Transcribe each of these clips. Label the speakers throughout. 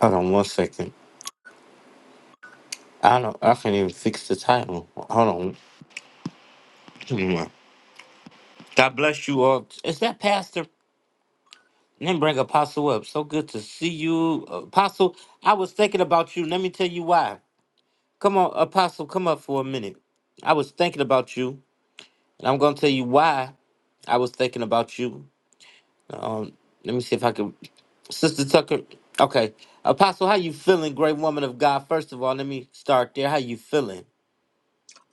Speaker 1: Hold on one second. I don't. I can't even fix the title. Hold on. Give me one. God bless you all. Is that Pastor? Let me bring Apostle up. So good to see you, Apostle. I was thinking about you. Let me tell you why. Come on, Apostle. Come up for a minute. I was thinking about you, and I'm gonna tell you why I was thinking about you. Um, let me see if I can. Sister Tucker. Okay, Apostle, how you feeling, great woman of God? First of all, let me start there. How you feeling?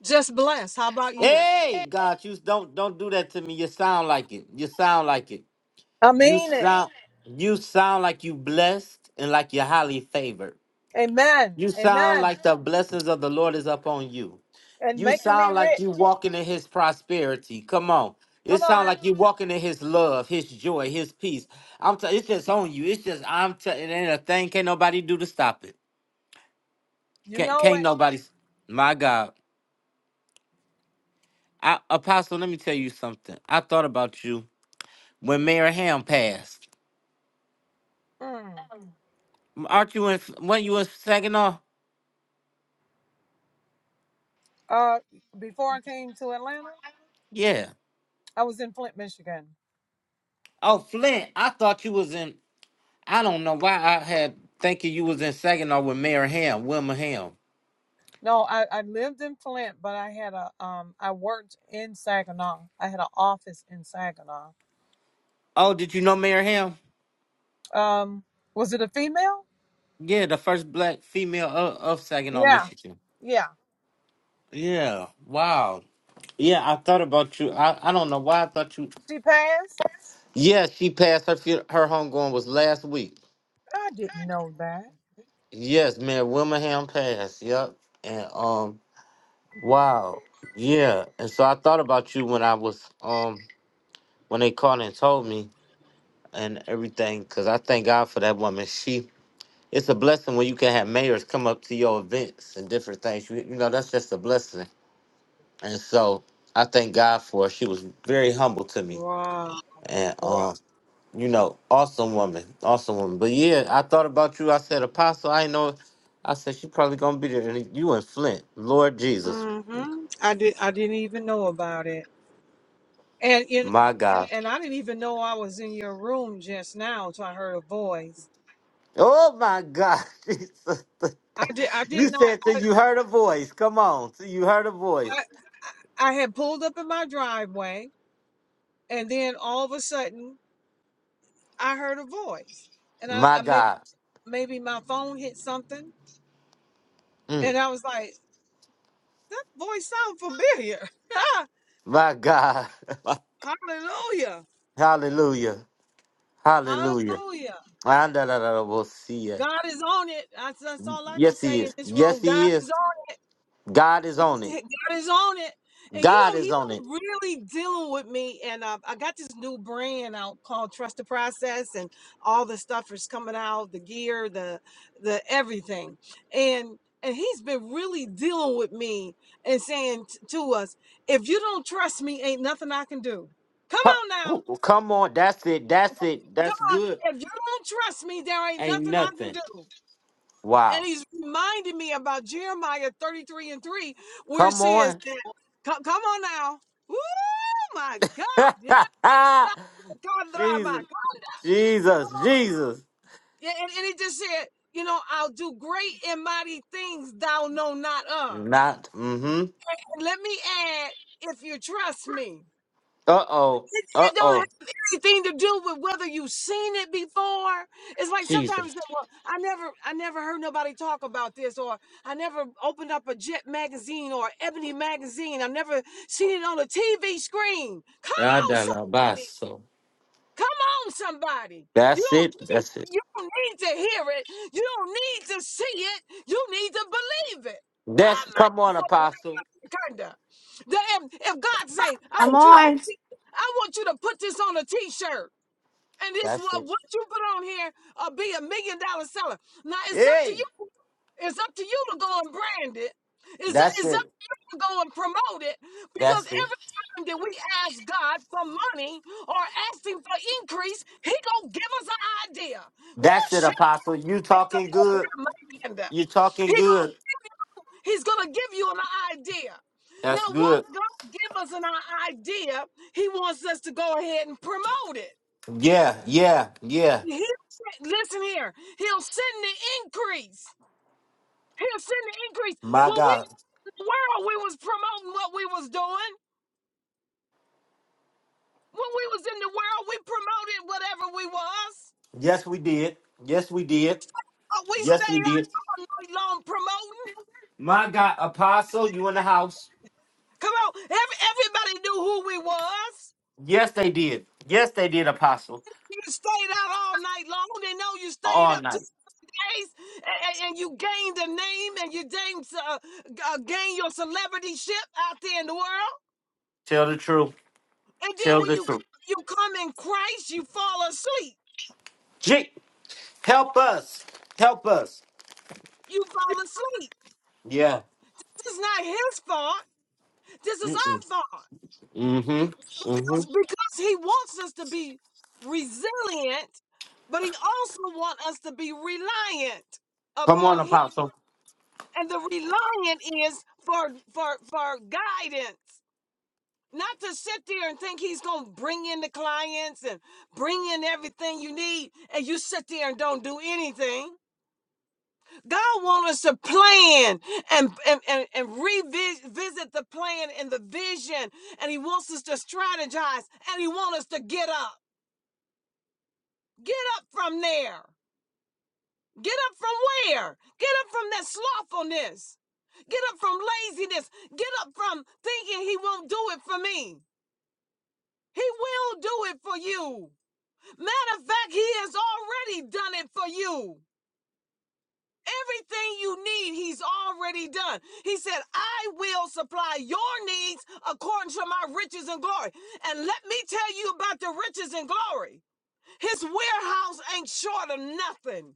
Speaker 2: Just blessed. How about you?
Speaker 1: Hey, God, you don't don't do that to me. You sound like it. You sound like it.
Speaker 2: I
Speaker 1: You
Speaker 2: mean it.
Speaker 1: sound you sound like you blessed and like you're highly favored.
Speaker 2: Amen.
Speaker 1: You sound
Speaker 2: Amen.
Speaker 1: like the blessings of the Lord is upon you.
Speaker 2: And
Speaker 1: You
Speaker 2: making me
Speaker 1: sound like
Speaker 2: rich.
Speaker 1: you walking in His prosperity. Come on, it
Speaker 2: Come
Speaker 1: sound
Speaker 2: on.
Speaker 1: like you walking in His love, His joy, His peace. I'm t- it's just on you. It's just I'm t- it ain't a thing. Can't nobody do to stop it.
Speaker 2: You
Speaker 1: Can't
Speaker 2: know
Speaker 1: can't
Speaker 2: it.
Speaker 1: nobody. My God, I, Apostle, let me tell you something. I thought about you when Mayor Ham passed.
Speaker 2: Mm.
Speaker 1: Aren't you in? When you in Saginaw?
Speaker 2: Uh, before I came to Atlanta,
Speaker 1: Yeah.
Speaker 2: I was in Flint, Michigan.
Speaker 1: Oh, Flint. I thought you was in. I don't know why I had thinking you was in Saginaw with Mayor Ham, Wilma Ham.
Speaker 2: No, I, I lived in Flint, but I had a um I worked in Saginaw. I had an office in Saginaw.
Speaker 1: Oh, did you know Mayor Ham?
Speaker 2: Um, was it a female?
Speaker 1: Yeah, the first black female of, of Saginaw,
Speaker 2: Yeah,
Speaker 1: Michigan.
Speaker 2: yeah.
Speaker 1: Yeah. Wow. Yeah, I thought about you. I, I don't know why I thought you.
Speaker 2: She passed?
Speaker 1: Yeah, she passed her fu- her homegoing was last week.
Speaker 2: I didn't know that.
Speaker 1: Yes, Mayor Wilma Ham passed. Yep. And um. Wow. Yeah. And so I thought about you when I was um when they called and told me and everything, because I thank God for that woman. She it's a blessing when you can have mayors come up to your events and different things. You, you know, that's just a blessing. And so I thank God for her. She was very humble to me.
Speaker 2: Wow.
Speaker 1: And Wow. um, you know, awesome woman. Awesome woman. But yeah, I thought about you. I said, Apostle, I ain't know I said she probably gonna be there. And you in Flint. Lord Jesus,
Speaker 2: Mm-hmm. I did I didn't even know about it. And you know,
Speaker 1: my
Speaker 2: and,
Speaker 1: God.
Speaker 2: and I didn't even know I was in your room just now till I heard a voice.
Speaker 1: Oh my God, Jesus.
Speaker 2: I did. I did
Speaker 1: You
Speaker 2: not.
Speaker 1: said till
Speaker 2: I,
Speaker 1: you heard a voice. Come on, till you heard a
Speaker 2: I
Speaker 1: voice.
Speaker 2: I had pulled up in my driveway, and then all of a sudden, I heard a voice, and I,
Speaker 1: My
Speaker 2: I maybe
Speaker 1: God.
Speaker 2: maybe my phone hit something, and
Speaker 1: Mm.
Speaker 2: I was like, that voice sounds familiar. Ah,
Speaker 1: My God.
Speaker 2: Hallelujah.
Speaker 1: Hallelujah. Hallelujah.
Speaker 2: Hallelujah.
Speaker 1: Andalalabosia.
Speaker 2: God is on it. That's, that's all I can
Speaker 1: Yes, he
Speaker 2: say in
Speaker 1: is.
Speaker 2: this
Speaker 1: Yes,
Speaker 2: room. God
Speaker 1: he
Speaker 2: is
Speaker 1: is.
Speaker 2: on
Speaker 1: God is on it.
Speaker 2: God is on it. And you
Speaker 1: God
Speaker 2: know,
Speaker 1: is on it.
Speaker 2: he's really dealing with me. And uh, I got this new brand out called Trust the Process, and all the stuff is coming out the gear, the the everything. And and he's been really dealing with me and saying t- to us, if you don't trust me, ain't nothing I can do. Come
Speaker 1: Come,
Speaker 2: on now.
Speaker 1: ooh, come on. That's it. That's it.
Speaker 2: Come
Speaker 1: That's
Speaker 2: on.
Speaker 1: good.
Speaker 2: If you don't trust me, there ain't
Speaker 1: Ain't
Speaker 2: nothing I can
Speaker 1: nothing.
Speaker 2: do. And
Speaker 1: Wow.
Speaker 2: he's reminding me about Jeremiah 33 and 3, where it
Speaker 1: Come
Speaker 2: says
Speaker 1: on.
Speaker 2: that, come, come on now. Oh my God. Yeah.
Speaker 1: Jesus. Jesus. Jesus.
Speaker 2: Yeah, And, and it just said, you know, I'll do great and mighty things thou know not of.
Speaker 1: Not. Mm-hmm.
Speaker 2: And let me add, if you trust me.
Speaker 1: Uh oh.
Speaker 2: it
Speaker 1: Uh
Speaker 2: don't
Speaker 1: oh.
Speaker 2: have anything to do with whether you've seen it before. It's like
Speaker 1: Jesus.
Speaker 2: sometimes you say, well, I never I never heard nobody talk about this, or I never opened up a Jet magazine or Ebony magazine. I never seen it on a TV screen. Come on, somebody.
Speaker 1: Adalabaso.
Speaker 2: Come on, somebody. You
Speaker 1: That's
Speaker 2: don't
Speaker 1: it.
Speaker 2: need,
Speaker 1: That's it.
Speaker 2: you don't need to hear it. You don't need to see it. You need to believe it.
Speaker 1: That's
Speaker 2: I'm
Speaker 1: come
Speaker 2: not
Speaker 1: on,
Speaker 2: going
Speaker 1: Apostle.
Speaker 2: kinda. if, if God say, I
Speaker 3: I'm
Speaker 2: want you to
Speaker 3: on.
Speaker 2: put it- I want you to put this on a t-shirt. And this
Speaker 1: That's
Speaker 2: what
Speaker 1: it.
Speaker 2: what you put on here will be a million dollar seller. Now it's up to
Speaker 1: Hey.
Speaker 2: you. It's up to you to go and brand it. It's,
Speaker 1: That's
Speaker 2: it's up
Speaker 1: it.
Speaker 2: go and promote it because
Speaker 1: That's it.
Speaker 2: every time that we ask God for money or ask Him for increase, He gonna give us an idea. Woo,
Speaker 1: That's it,
Speaker 2: shit,
Speaker 1: Apostle. You
Speaker 2: it's so
Speaker 1: talking
Speaker 2: cool,
Speaker 1: good.
Speaker 2: right, my hand
Speaker 1: You
Speaker 2: He
Speaker 1: talking
Speaker 2: gonna,
Speaker 1: good.
Speaker 2: he's gonna give you an idea. Now,
Speaker 1: That's
Speaker 2: once
Speaker 1: good.
Speaker 2: God gives us an idea, He wants us to go ahead and promote it.
Speaker 1: Yeah, yeah, yeah.
Speaker 2: He, listen here, He'll send the increase. He'll send the increase.
Speaker 1: My
Speaker 2: When we
Speaker 1: God.
Speaker 2: in the world, we was promoting what we was doing. When we was in the world, we promoted whatever we was.
Speaker 1: Yes, we did. Yes, we did.
Speaker 2: Oh, we
Speaker 1: Yes, we
Speaker 2: stayed out
Speaker 1: did.
Speaker 2: all night long promoting.
Speaker 1: My God, Apostle, you in the house.
Speaker 2: Come on, every, everybody knew who we was.
Speaker 1: Yes, they did. Yes, they did, Apostle.
Speaker 2: You stayed out all night long. They know you stayed
Speaker 1: All
Speaker 2: up two
Speaker 1: night.
Speaker 2: days, and, and you gained a name, and you gained uh, g- uh, gained your celebrity ship out there in the world.
Speaker 1: Tell the truth.
Speaker 2: And then
Speaker 1: Tell
Speaker 2: when
Speaker 1: the
Speaker 2: you
Speaker 1: truth.
Speaker 2: c- you come in Christ, you fall asleep.
Speaker 1: G. help us. Help us.
Speaker 2: You fall asleep.
Speaker 1: Yeah.
Speaker 2: This is not His fault. This is our
Speaker 1: Mm-hmm.
Speaker 2: fault.
Speaker 1: Mm-hmm.
Speaker 2: Because, because he wants us to be resilient, but he also wants us to be reliant
Speaker 1: Come
Speaker 2: upon
Speaker 1: on,
Speaker 2: him.
Speaker 1: Apostle.
Speaker 2: And the reliant is for for for guidance. Not to sit there and think he's gonna bring in the clients and bring in everything you need, and you sit there and don't do anything. God wants us to plan and and, and, and revisit the plan and the vision, and he wants us to strategize and he wants us to get up. Get up from there. Get up from where? Get up from that slothfulness. Get up from laziness. Get up from thinking he won't do it for me. He will do it for you. Matter of fact, he has already done it for you. Everything you need, he's already done. He said, I will supply your needs according to my riches and glory. And let me tell you about the riches and glory. His warehouse ain't short of nothing.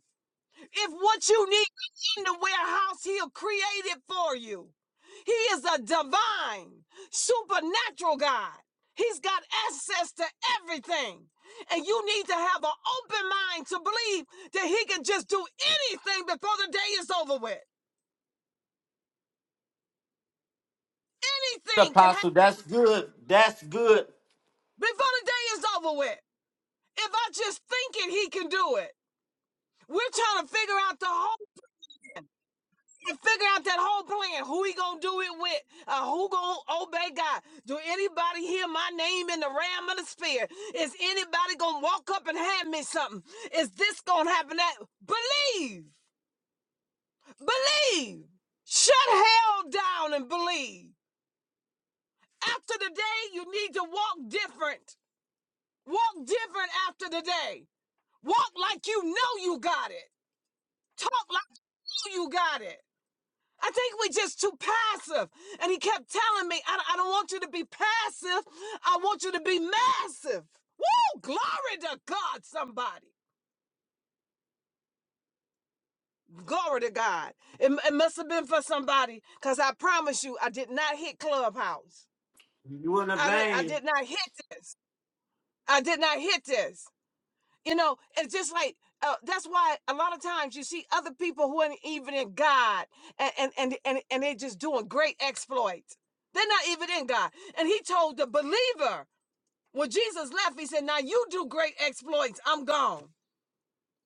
Speaker 2: If what you need is in the warehouse, he'll create it for you. He is a divine, supernatural God. He's got access to everything. And you need to have an open mind to believe that he can just do anything before the day is over with. Anything can
Speaker 1: Apostle,
Speaker 2: happen
Speaker 1: that's good. That's good.
Speaker 2: before the day is over with. If I just think it, he can do it. We're trying to figure out the whole and figure out that whole plan. Who he gonna do it with? Uh, who gonna obey God? Do anybody hear my name in the realm of the spirit? Is anybody gonna walk up and hand me something? Is this gonna happen? That believe, believe. Shut hell down and believe. After the day, you need to walk different. Walk different after the day. Walk like you know you got it. Talk like you you got it. I think we are just too passive. And he kept telling me, I, I don't want you to be passive. I want you to be massive. Woo! Glory to God, somebody. Glory to God. It, it must have been for somebody because I promise you, I did not hit Clubhouse.
Speaker 1: You in a
Speaker 2: I did, I
Speaker 1: vein.
Speaker 2: did not hit this. I did not hit this. You know, it's just like uh, that's why a lot of times you see other people who aren't even in God, and and and and, and they're just doing great exploits. They're not even in God. And He told the believer when Jesus left, He said, "Now you do great exploits. I'm gone.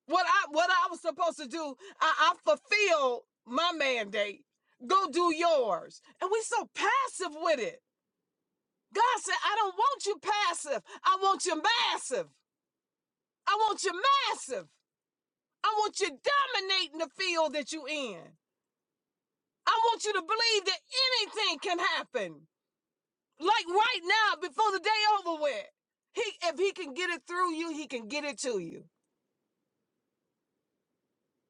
Speaker 2: What I what I was supposed to do, I, I fulfilled my mandate. Go do yours." And we're so passive with it. God said, "I don't want you passive. I want you massive. I want you massive." I want you dominating the field that you are in. I want you to believe that anything can happen. Like right now, before the day over with. He if he can get it through you, he can get it to you.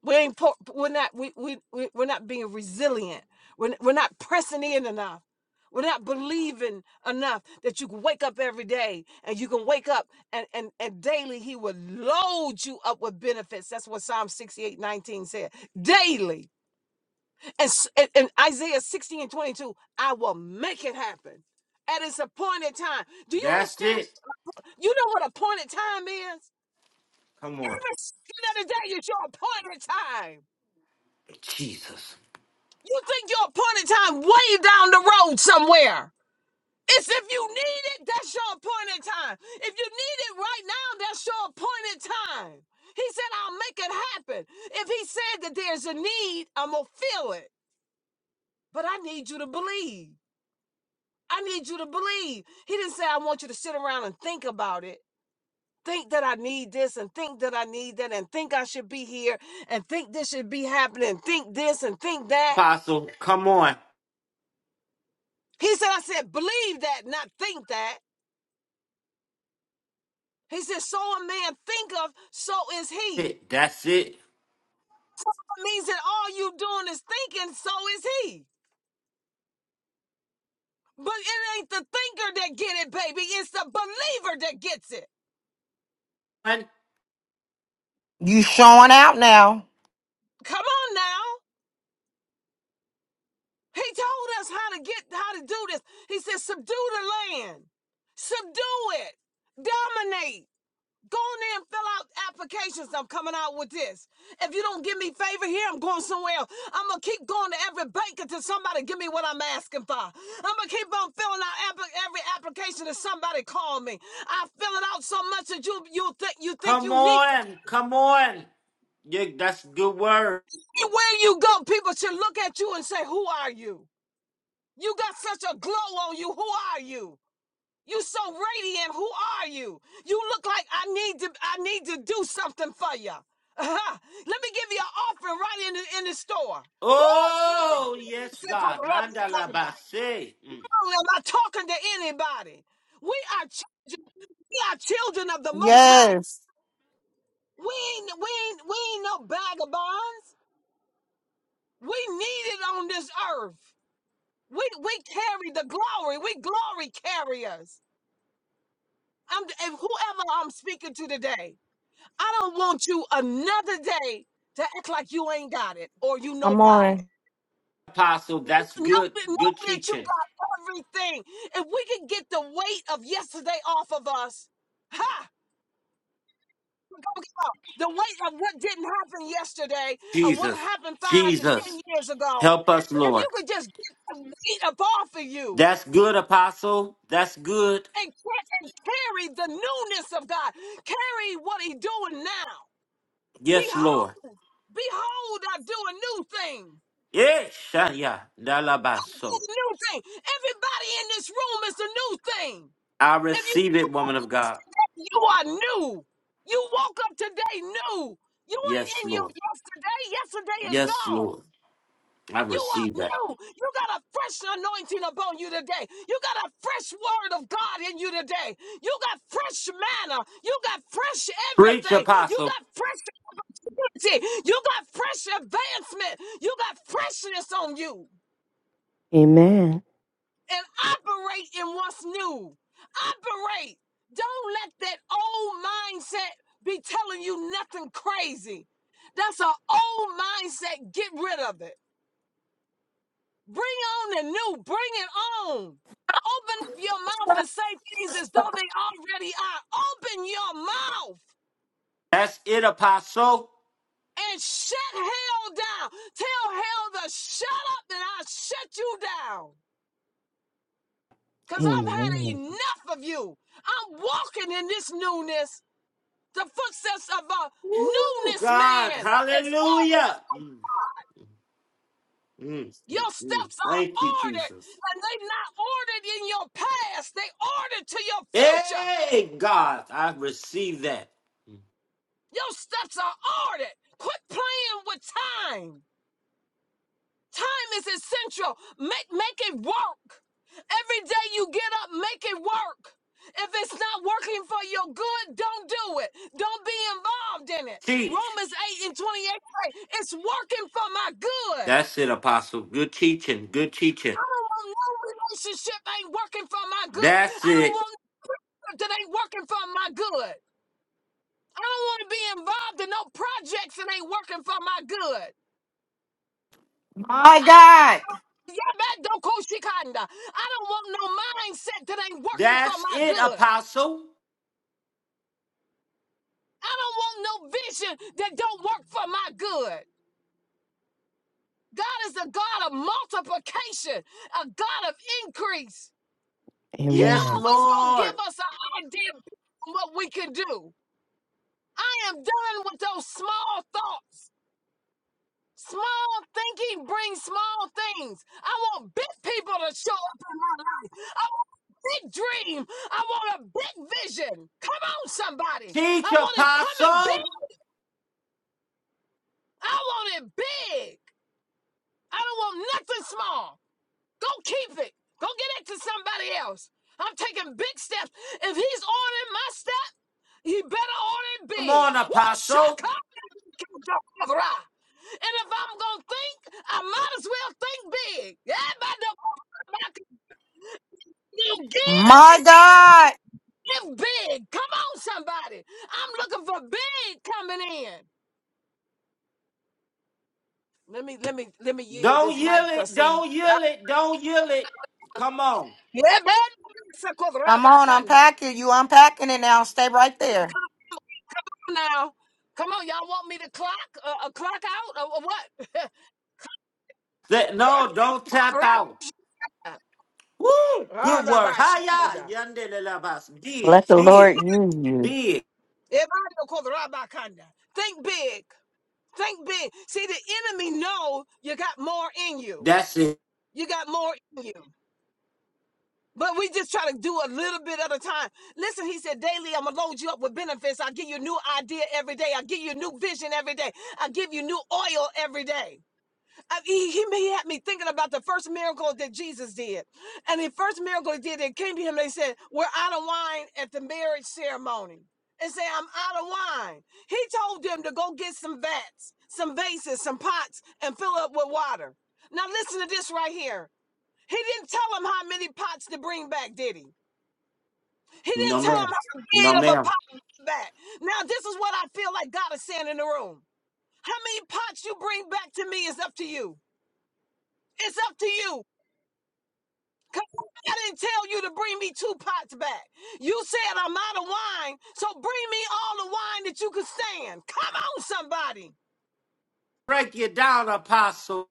Speaker 2: We ain't we're not we we we- we're not being resilient. We're, we're not pressing in enough. We're not believing enough that you can wake up every day and you can wake up and, and, and daily he will load you up with benefits. That's what Psalm 68:19 said. Daily. And, s- and, and Isaiah 60 and 22, I will make it happen at its appointed time. Do you
Speaker 1: That's
Speaker 2: understand?
Speaker 1: it.
Speaker 2: You know what appointed time is?
Speaker 1: Come on.
Speaker 2: Every second of the day is your appointed time.
Speaker 1: Jesus.
Speaker 2: You think your appointed time way down the road somewhere. It's if you need it, that's your appointed time. If you need it right now, that's your appointed time. He said, I'll make it happen. If he said that there's a need, I'm going to feel it. But I need you to believe. I need you to believe. He didn't say, I want you to sit around and think about it. Think that I need this and think that I need that and think I should be here and think this should be happening, think this and think that.
Speaker 1: Apostle, come on.
Speaker 2: He said, I said, believe that, not think that. He said, so a man think of, so is he.
Speaker 1: It- That's it.
Speaker 2: It means that all you doing is thinking, so is he. But it ain't the thinker that get it, baby. It's the believer that gets it.
Speaker 1: And
Speaker 3: You showing out now.
Speaker 2: Come on now. He told us how to get how to do this. He said, subdue the land, subdue it, dominate. Go in there and fill out applications. I'm coming out with this. If you don't give me favor here, I'm going somewhere else. I'm gonna keep going to every bank until somebody give me what I'm asking for. I'm gonna keep on filling out every application that somebody call me. I fill it out so much that you you think you think
Speaker 1: come
Speaker 2: you need.
Speaker 1: on. Come on. Yeah, that's a good word.
Speaker 2: Where you go, people should look at you and say, "Who are you? You got such a glow on you. Who are you?" You so radiant. Who are you? You look like I need to I need to do something for you. Uh-huh. Let me give you an offering right in the in the store. Woo!
Speaker 1: Oh, yes, God. Nandalabase. Mm.
Speaker 2: Am I talking to anybody? We are children. We are children of the Most High.
Speaker 3: Yes.
Speaker 2: We ain't we ain't we ain't no vagabonds. We needed on this earth. We we carry the glory. We glory carriers. I'm and whoever I'm speaking to today. I don't want you another day to act like you ain't got it or you
Speaker 3: I'm
Speaker 2: nobody.
Speaker 3: on.
Speaker 1: Apostle, that's
Speaker 2: Know,
Speaker 1: good.
Speaker 2: that-
Speaker 1: Good
Speaker 2: know that you
Speaker 1: teaching.
Speaker 2: got everything. If we can get the weight of yesterday off of us, ha! Go, go. The weight of what didn't happen yesterday, of what
Speaker 1: Jesus,
Speaker 2: happened five and ten
Speaker 1: Jesus,
Speaker 2: years ago.
Speaker 1: help us,
Speaker 2: If
Speaker 1: Lord.
Speaker 2: you could just get the weight up off of you
Speaker 1: That's good, Apostle. That's good.
Speaker 2: and, ca- and carry the newness of God, carry what He doing now.
Speaker 1: Yes, Lord.
Speaker 2: Behold, behold, I do a new thing.
Speaker 1: Eh, shaya, dalabaso.
Speaker 2: the new thing. Everybody in this room is a new thing.
Speaker 1: I
Speaker 2: If you woke
Speaker 1: receive it,
Speaker 2: up
Speaker 1: woman of God.
Speaker 2: yesterday, you are new. You woke up today new. You ain't
Speaker 1: Yes,
Speaker 2: in your
Speaker 1: Lord.
Speaker 2: yesterday. Yesterday is
Speaker 1: Yes,
Speaker 2: gone.
Speaker 1: Lord. I
Speaker 2: You are
Speaker 1: receive that.
Speaker 2: new. You got a fresh anointing upon you today. You got a fresh word of God in you today. You got fresh manna. You got fresh
Speaker 1: Preach,
Speaker 2: everything. You
Speaker 1: Apostle.
Speaker 2: got fresh opportunity. You got fresh advancement. You got freshness on you.
Speaker 4: Amen.
Speaker 2: and operate in what's new. Operate. Don't let that old mindset be telling you nothing crazy. That's an old mindset. Get rid of it. Bring on the new. Bring it on. Open up your mouth and say things as though they already are. Open your mouth
Speaker 1: That's it, Apostle.
Speaker 2: and shut hell down. Tell hell to shut up and I'll shut you down. Because I've had
Speaker 4: Amen.
Speaker 2: enough of you. I'm walking in this newness. The footsteps of a
Speaker 1: Woo,
Speaker 2: newness
Speaker 1: God.
Speaker 2: man is ordered.
Speaker 1: Hallelujah. Mm, mm, mm,
Speaker 2: Your
Speaker 1: mm.
Speaker 2: steps are
Speaker 1: Thank you,
Speaker 2: ordered,
Speaker 1: Jesus.
Speaker 2: and they're not ordered in your past, they ordered to your future.
Speaker 1: Hey, God. I receive that.
Speaker 2: Your steps are ordered. Quit playing with time. Time is essential. Make make it work. Every day you get up, make it work. If it's not working for your good, don't do it. Don't be involved in it.
Speaker 1: Teach.
Speaker 2: Romans 8 and 28 say, it's working for my good.
Speaker 1: That's it, Apostle. Good teaching. Good teaching.
Speaker 2: I don't want no relationship that ain't working for my good.
Speaker 1: That's
Speaker 2: I don't
Speaker 1: it.
Speaker 2: want nothing that ain't working for my good. I don't want to be involved in no projects that ain't working for my good.
Speaker 3: My God.
Speaker 2: Yabadokoshikanda. I don't want no mindset that ain't working for
Speaker 1: That's
Speaker 2: my
Speaker 1: it,
Speaker 2: good.
Speaker 1: Apostle.
Speaker 2: I don't want no vision that don't work for my good. God is a God of multiplication, a God of increase. He
Speaker 1: Yes,
Speaker 4: Amen.
Speaker 2: always gonna
Speaker 1: Lord.
Speaker 2: give us an idea of what we can do. I am done with those small thoughts. Small thinking brings small things. I want big people to show up in my life. I want a big dream. I want a big vision. Come on, somebody.
Speaker 1: Teach,
Speaker 2: I want it coming
Speaker 1: Apostle.
Speaker 2: big. I want it big. I don't want nothing small. Go keep it. Go get it to somebody else. I'm taking big steps. If he's ordering my step. He better on it
Speaker 1: Come
Speaker 2: big.
Speaker 1: on,
Speaker 2: Woo,
Speaker 1: Apostle.
Speaker 2: shaka! And if I'm gonna think, I might as well think big. Everybody you give,
Speaker 3: My
Speaker 2: you
Speaker 3: God.
Speaker 2: give big. Come on, somebody. I'm looking for big coming in. Let me let me let me yield
Speaker 1: Don't
Speaker 2: this
Speaker 1: yell
Speaker 2: mic,
Speaker 1: it.
Speaker 2: cause see,
Speaker 1: Don't
Speaker 2: I,
Speaker 1: yell it. Don't yell it. Come on.
Speaker 2: yeah, man. Come
Speaker 3: Come on, unpack it. You unpacking it now. Stay right there.
Speaker 2: on now, come on, y'all want me to clock uh, a clock out or, or
Speaker 1: That, no, don't tap
Speaker 2: what?
Speaker 1: out. Woo! Good work. Hiya!
Speaker 2: Rabashikonda.
Speaker 1: Yandelelabas. Big,
Speaker 4: Let the
Speaker 1: big,
Speaker 4: Lord use you.
Speaker 1: big.
Speaker 2: Ebadokothrabakanda. Think big. Think big. See, the enemy know you got more in you.
Speaker 1: That's it.
Speaker 2: You got more in you. But we just try to do a little bit at a time. Listen, he said, daily I'm gonna load you up with benefits. I give you a new idea every day. I give you a new vision every day. I give you new oil every day. I- he, he he had me thinking about the first miracle that Jesus did. And the first miracle he did, they came to him and they said, We're out of wine at the marriage ceremony. And say, I'm out of wine. He told them to go get some vats, some vases, some pots, and fill up with water. Now listen to this right here. He didn't tell them how many pots to bring back, did he? He
Speaker 1: No,
Speaker 2: didn't tell
Speaker 1: ma'am.
Speaker 2: them how big
Speaker 1: No,
Speaker 2: of a
Speaker 1: ma'am.
Speaker 2: pot to bring back. Now, this is what I feel like God is saying in the room. How many pots you bring back to me is up to you. It's up to you. Come I didn't tell you to bring me two pots back. You said I'm out of wine, so bring me all the wine that you could stand. Come on, somebody.
Speaker 1: Break you down, Apostle.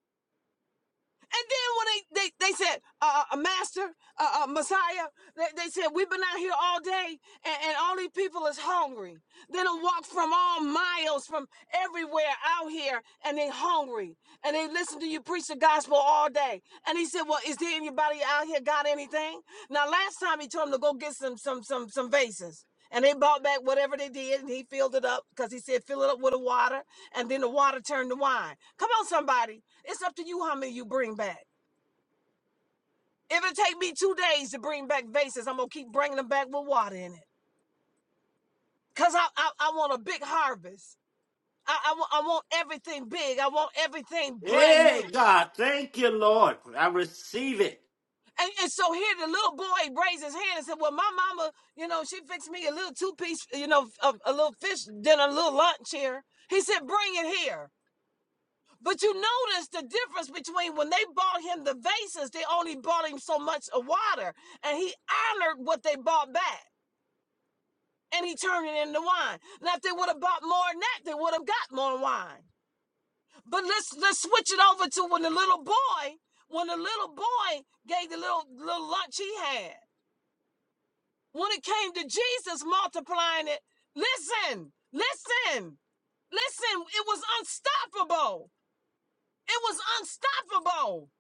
Speaker 2: And then when they they, they said, uh, uh, Master, uh, uh, Messiah, they, they said, we've been out here all day and, and all these people is hungry. They done walked from all miles, from everywhere out here, and they hungry. And they listen to you preach the gospel all day. And he said, well, is there anybody out here got anything? Now, last time he told them to go get some some some some vases. And they brought back whatever they did, and he filled it up because he said, fill it up with the water, and then the water turned to wine. Come on, somebody. It's up to you how many you bring back. If it take me two days to bring back vases, I'm gonna keep bringing them back with water in it. Cause I I, I want a big harvest. I, I, I want everything big. I want everything brand new.
Speaker 1: Hey, God, thank you, Lord. I receive it.
Speaker 2: And, and so here the little boy raised his hand and said, well, my mama, you know, she fixed me a little two-piece, you know, a, a little fish dinner, a little lunch here. He said, bring it here. But you notice the difference between when they bought him the vases, they only bought him so much of water. And he honored what they bought back. and he turned it into wine. Now, if they would have bought more than that, they would have got more wine. But let's let's switch it over to when the little boy, when the little boy gave the little little lunch he had. When it came to Jesus multiplying it, listen, listen, listen, it was unstoppable. It was unstoppable.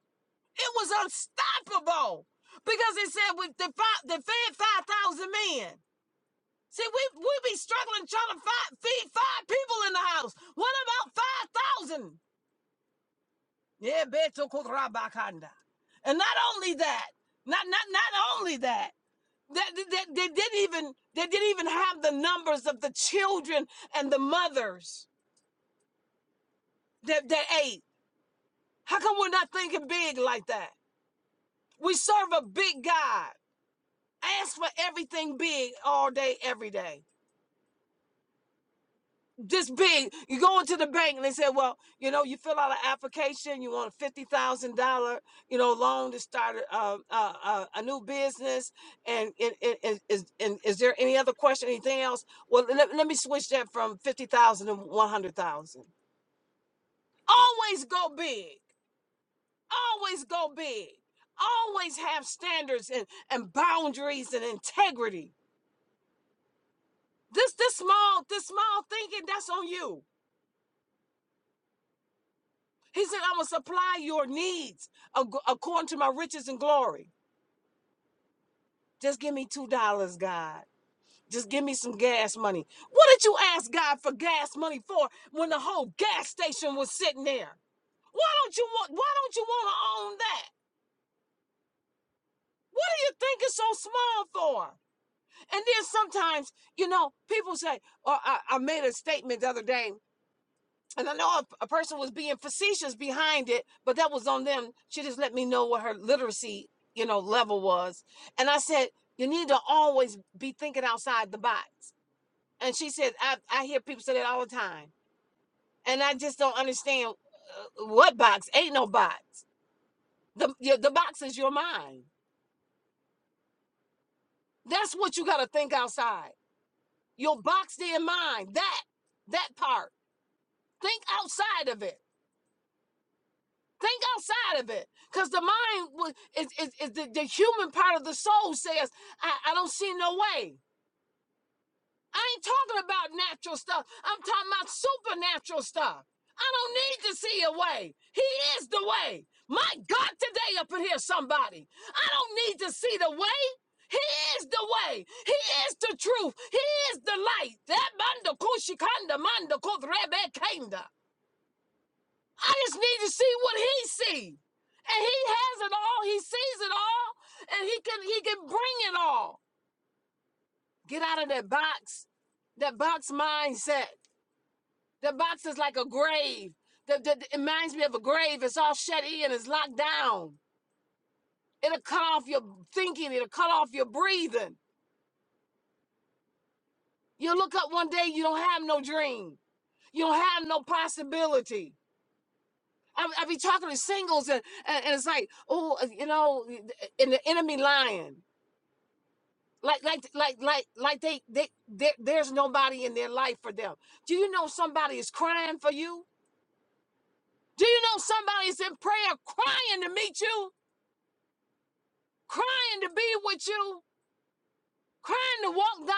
Speaker 2: It was unstoppable. Because it said we the five, they fed 5,000 men. See, we we be struggling trying to find, feed five people in the house. What about five thousand? Yeah, Beto Kurabakanda. And not only that, not not not only that, that that- that they, didn't even they didn't even have the numbers of the children and the mothers that, that ate. How come we're not thinking big like that? We serve a big God. Ask for everything big all day, every day. this big. You go into the bank and they say, well, you know, you fill out an application, you want a fifty thousand dollar, you know, loan to start a, a, a, a new business, and it, it, it, is and is there any other question, anything else? Well, let, let me switch that from fifty thousand dollars to one hundred thousand. dollars. Always go big. Always go big. Always have standards and, and boundaries and integrity. This this small this small thinking that's on you. He said, I'm going to supply your needs ac- according to my riches and glory. Just give me $2, God. Just give me some gas money. What did you ask God for gas money for when the whole gas station was sitting there? Why don't you want why don't you want to own that? What do you think it's so small for? And then sometimes, you know, people say, or I, I made a statement the other day and I know a, a person was being facetious behind it, but that was on them. She just let me know what her literacy, you know, level was. And I said, you need to always be thinking outside the box. And she said, I, I hear people say that all the time. And I just don't understand uh, what box. Ain't no box. The, your, the box is your mind. That's what you got to think outside. Your box, their mind, that, that part. Think outside of it. Think outside of it, because the mind is, is, is the, the human part of the soul says, I, I don't see no way. I ain't talking about natural stuff. I'm talking about supernatural stuff. I don't need to see a way. He is the way. My God, today up in here, somebody. I don't need to see the way. He is the way. He is the truth. He is the light. That manda kushikanda manda kudrebe kanda. I just need to see what he sees, And he has it all. He sees it all. And he can he can bring it all. Get out of that box. That box mindset. The box is like a grave. The, the, it reminds me of a grave. It's all shut in. It's locked down. It'll cut off your thinking. It'll cut off your breathing. You'll look up one day, you don't have no dream. You don't have no possibility. I, I be talking to singles, and, and, and it's like, oh, you know, and the enemy lying. like like like like like they they there, there's nobody in their life for them do you know somebody is crying for you do you know somebody is in prayer crying to meet you crying to be with you crying to walk down the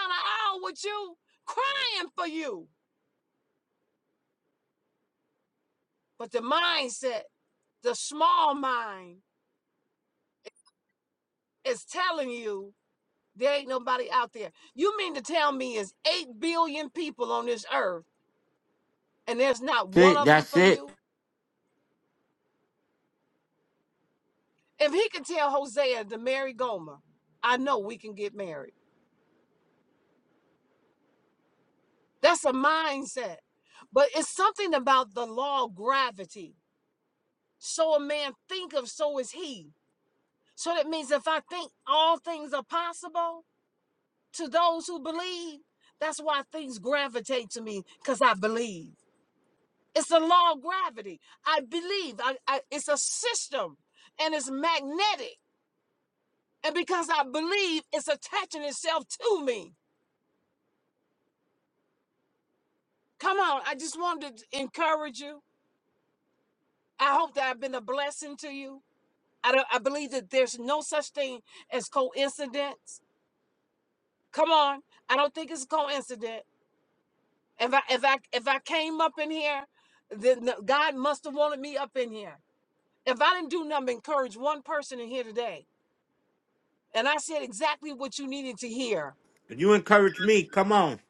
Speaker 2: aisle with you crying for you but the mindset the small mind is telling you there ain't nobody out there you mean to tell me it's 8 billion people on this earth and there's not one
Speaker 1: See,
Speaker 2: of them
Speaker 1: that's
Speaker 2: for you
Speaker 1: it.
Speaker 2: If he could tell Hosea to marry Gomer, I know we can get married. That's a mindset. But it's something about the law of gravity. So a man think of, so is he. So that means if I think all things are possible to those who believe, that's why things gravitate to me because I believe. It's the law of gravity. I believe. I, I, it's a system and it's magnetic. And because I believe, it's attaching itself to me. Come on, I just wanted to encourage you. I hope that I've been a blessing to you. I don't I believe that there's no such thing as coincidence. Come on. I don't think it's a coincidence. If I if I if I came up in here, then the- God must have wanted me up in here. If I didn't do nothing but encourage one person in here today, and I said exactly what you needed to hear,
Speaker 1: You encourage me. Come on.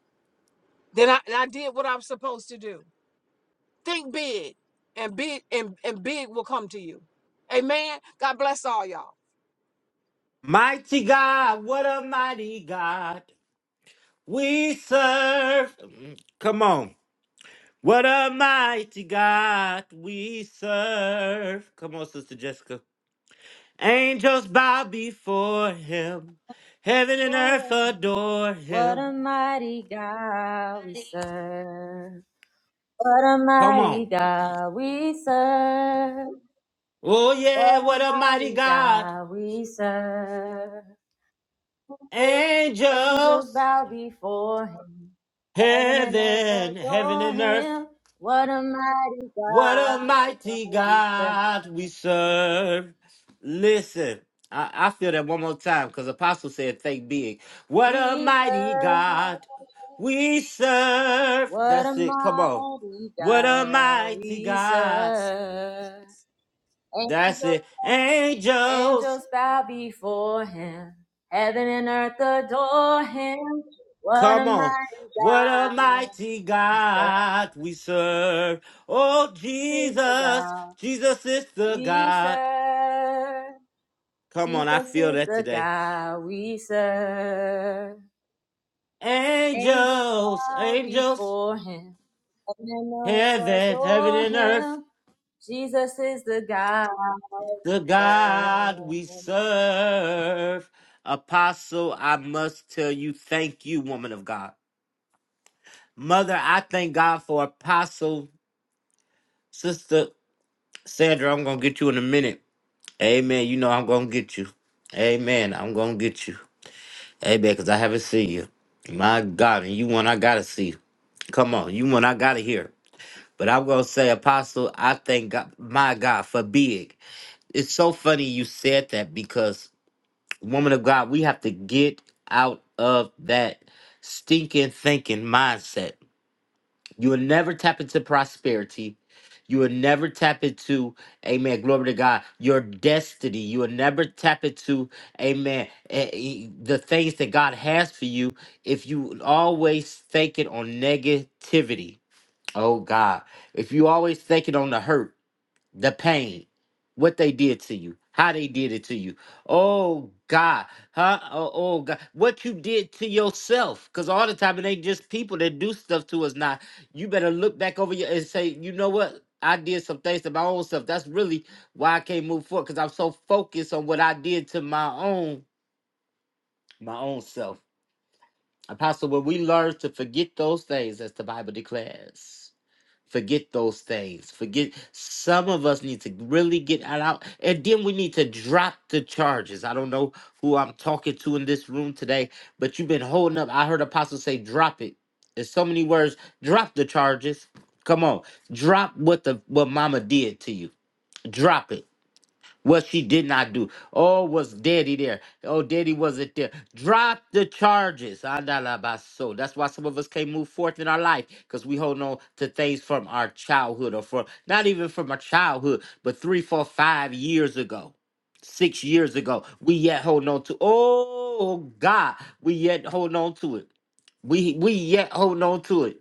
Speaker 2: then I, and I did what I'm supposed to do. Think big and big and, and big will come to you. Amen. God bless all y'all.
Speaker 1: Mighty God, what a mighty God we serve. Come on. What a mighty God we serve. Come on, Sister Jessica. Angels bow before him. Heaven and earth
Speaker 5: What
Speaker 1: adore
Speaker 5: a
Speaker 1: him.
Speaker 5: mighty God we serve. What a
Speaker 1: Come
Speaker 5: mighty
Speaker 1: on.
Speaker 5: God we serve.
Speaker 1: Oh,
Speaker 5: What
Speaker 1: yeah,
Speaker 5: a
Speaker 1: what a mighty
Speaker 5: mighty
Speaker 1: God.
Speaker 5: God we serve. Angels
Speaker 1: Angels.
Speaker 5: bow before him. Heaven and earth
Speaker 1: Heaven, heaven
Speaker 5: adore
Speaker 1: and earth,
Speaker 5: him. What a mighty
Speaker 1: what a
Speaker 5: God
Speaker 1: mighty
Speaker 5: we serve.
Speaker 1: God we serve. Listen, I, I feel that one more time because Apostle said, think big. What a
Speaker 5: We
Speaker 1: mighty
Speaker 5: serve.
Speaker 1: God we serve.
Speaker 5: What a
Speaker 1: That's it. Come on.
Speaker 5: mighty
Speaker 1: What a
Speaker 5: God
Speaker 1: mighty
Speaker 5: we
Speaker 1: God.
Speaker 5: serve. Angels,
Speaker 1: That's it.
Speaker 5: angels
Speaker 1: Angels,
Speaker 5: bow before him. Heaven and earth adore him. What a
Speaker 1: come on.
Speaker 5: mighty
Speaker 1: What a
Speaker 5: God.
Speaker 1: mighty
Speaker 5: He serves
Speaker 1: God we serve. Oh,
Speaker 5: is the
Speaker 1: Jesus,
Speaker 5: God
Speaker 1: Jesus is the
Speaker 5: we
Speaker 1: God.
Speaker 5: serve.
Speaker 1: Come on, I
Speaker 5: Jesus
Speaker 1: feel
Speaker 5: is
Speaker 1: that
Speaker 5: the
Speaker 1: today.
Speaker 5: God we serve. Angels
Speaker 1: Angels,
Speaker 5: bow
Speaker 1: angels,
Speaker 5: before him. Heaven and earth
Speaker 1: heaven, heaven
Speaker 5: adore
Speaker 1: and earth,
Speaker 5: him. Jesus is the God
Speaker 1: the
Speaker 5: we serve.
Speaker 1: God we serve. Apostle, I must tell you, thank you, woman of God. Mother, I thank God for Apostle, Sister Sandra. I'm going to get you in a minute. Amen. You know I'm going to get you. Amen. I'm going to get you. Amen, because I haven't seen you. My God, and you one I got to see. Come on, you one I got to hear. But I'm gonna say, Apostle, I thank God, my God for big. It's so funny you said that because, woman of God, we have to get out of that stinking thinking mindset. You will never tap into prosperity. You will never tap into, amen, glory to God, your destiny. You will never tap into, amen, eh, eh, the things that God has for you if you always thinking on negativity Oh God. If you always thinking on the hurt, the pain, what they did to you, how they did it to you. Oh God. Huh? Oh, oh God. What you did to yourself. Cause all the time it ain't just people that do stuff to us now. You better look back over your and say, you know what? I did some things to my own self. That's really why I can't move forward. Cause I'm so focused on what I did to my own, my own self. Apostle, when we learn to forget those things as the Bible declares Forget those things. Forget some of us need to really get that out. And then we need to drop the charges. I don't know who I'm talking to in this room today, but you've been holding up. I heard Apostle say, drop it. There's so many words. Drop the charges. Come on. Drop what the what mama did to you. Drop it what she did not do. Oh, was daddy there? Oh, daddy wasn't there. Drop the charges. Andalabaso. That's why some of us can't move forth in our life because we hold on to things from our childhood or from not even from our childhood, but three, four, five years ago, six years ago. We yet hold on to. Oh God, we yet hold on to it. We we yet hold on to it.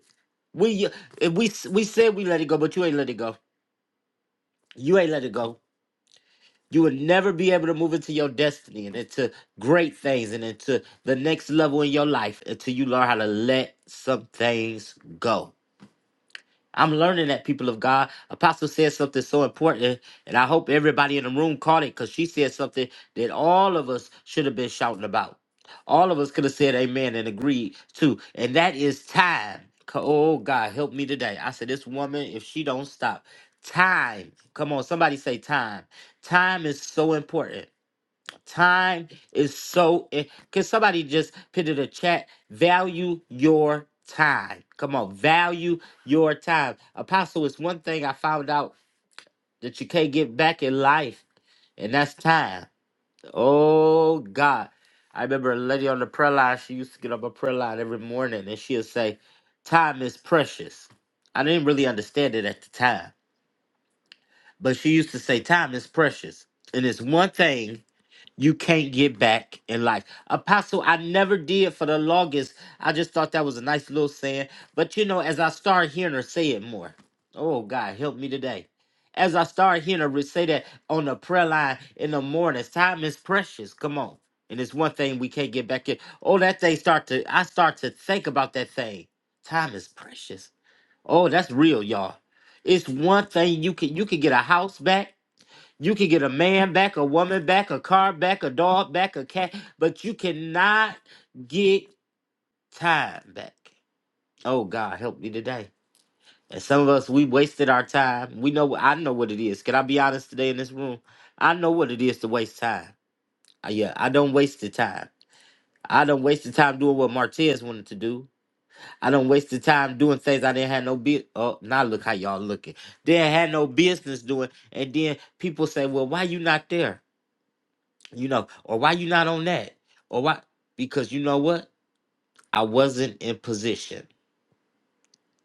Speaker 1: We we we said we let it go, but you ain't let it go. You ain't let it go. You will never be able to move into your destiny and into great things and into the next level in your life until you learn how to let some things go I'm learning that people of God. Apostle said something so important, and I hope everybody in the room caught it because she said something that all of us should have been shouting about. All of us could have said amen and agreed too. And that is time. Oh God, help me today. I said, this woman, if she don't stop, time. Come on, somebody say time. Time is so important. Time is so. i- Can somebody just put in the chat? Value your time. Come on, value your time. Apostle, it's one thing I found out that you can't get back in life, and that's time. Oh God, I remember a lady on the prayer line. She used to get up a prayer line every morning, and she'd say, "Time is precious." I didn't really understand it at the time, but she used to say, "Time is precious," and it's one thing you can't get back in life. Apostle, I never did for the longest. I just thought that was a nice little saying. But you know, as I started hearing her say it more, oh God, help me today. As I started hearing her say that on the prayer line in the mornings, time is precious. Come on. And it's one thing we can't get back in. Oh, that thing start to I start to think about that thing. Time is precious. Oh, that's real, y'all. It's one thing you can you can get a house back. You can get a man back, a woman back, a car back, a dog back, a cat, but you cannot get time back. Oh God, help me today. And some of us, we wasted our time. We know, I know what it is. Can I be honest today in this room? I know what it is to waste time. Uh, Yeah, I don't waste the time. I don't waste the time doing what Martez wanted to do. I don't waste the time doing things I didn't have no business. Oh, now look how y'all looking. Didn't have no business doing. And then people say, well, why you not there? you know, or why you not on that, or why because you know what, I wasn't in position.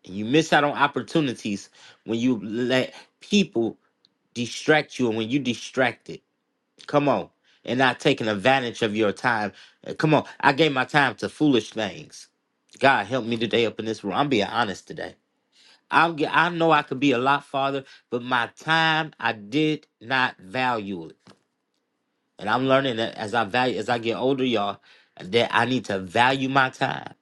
Speaker 1: And you miss out on opportunities when you let people distract you, and when you distracted, come on, and not taking advantage of your time. Uh, Come on, I gave my time to foolish things. God help me today up in this room. I'm being honest today. I'm. ge- I know I could be a lot farther, but my time I did not value it. And I'm learning that as I value, as I get older, y'all, that I need to value my time.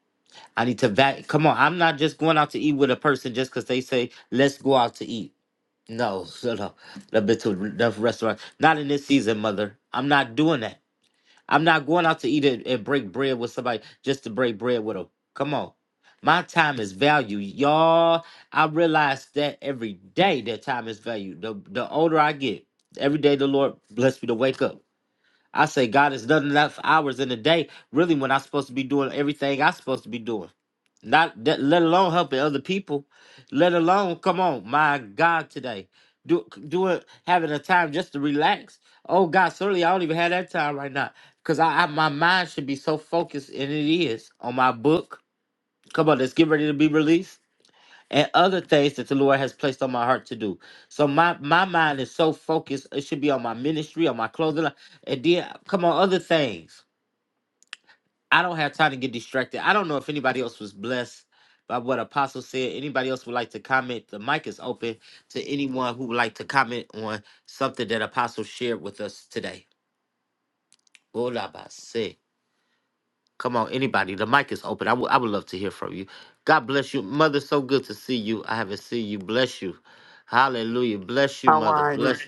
Speaker 1: I need to value. Come on, I'm not just going out to eat with a person just because they say let's go out to eat. No, no, no. I've been to enough restaurants. Not in this season, mother. I'm not doing that. I'm not going out to eat and, and break bread with somebody just to break bread with them. Come on. My time is value. Y'all, I realize that every day that time is value. The, the older I get, every day the Lord bless me to wake up. I say God is done enough hours in a day, really, when I'm supposed to be doing everything I'm supposed to be doing. Not that, let alone helping other people, let alone come on, my God, today. Do doing having a time just to relax. Oh God, certainly I don't even have that time right now. Cause I, I my mind should be so focused, and it is on my book. Come on, let's get ready to be released and other things that the Lord has placed on my heart to do. So my my mind is so focused; it should be on my ministry, on my clothing, line, and then come on other things. I don't have time to get distracted. I don't know if anybody else was blessed by what Apostle said. Anybody else would like to comment? The mic is open to anyone who would like to comment on something that Apostle shared with us today. Bola ba se. Come on, anybody. The mic is open. I would I would love to hear from you. God bless you. Mother, so good to see you. I haven't seen you. Bless you. Hallelujah. Bless you,
Speaker 6: How
Speaker 1: mother.
Speaker 6: are
Speaker 1: Bless
Speaker 6: you?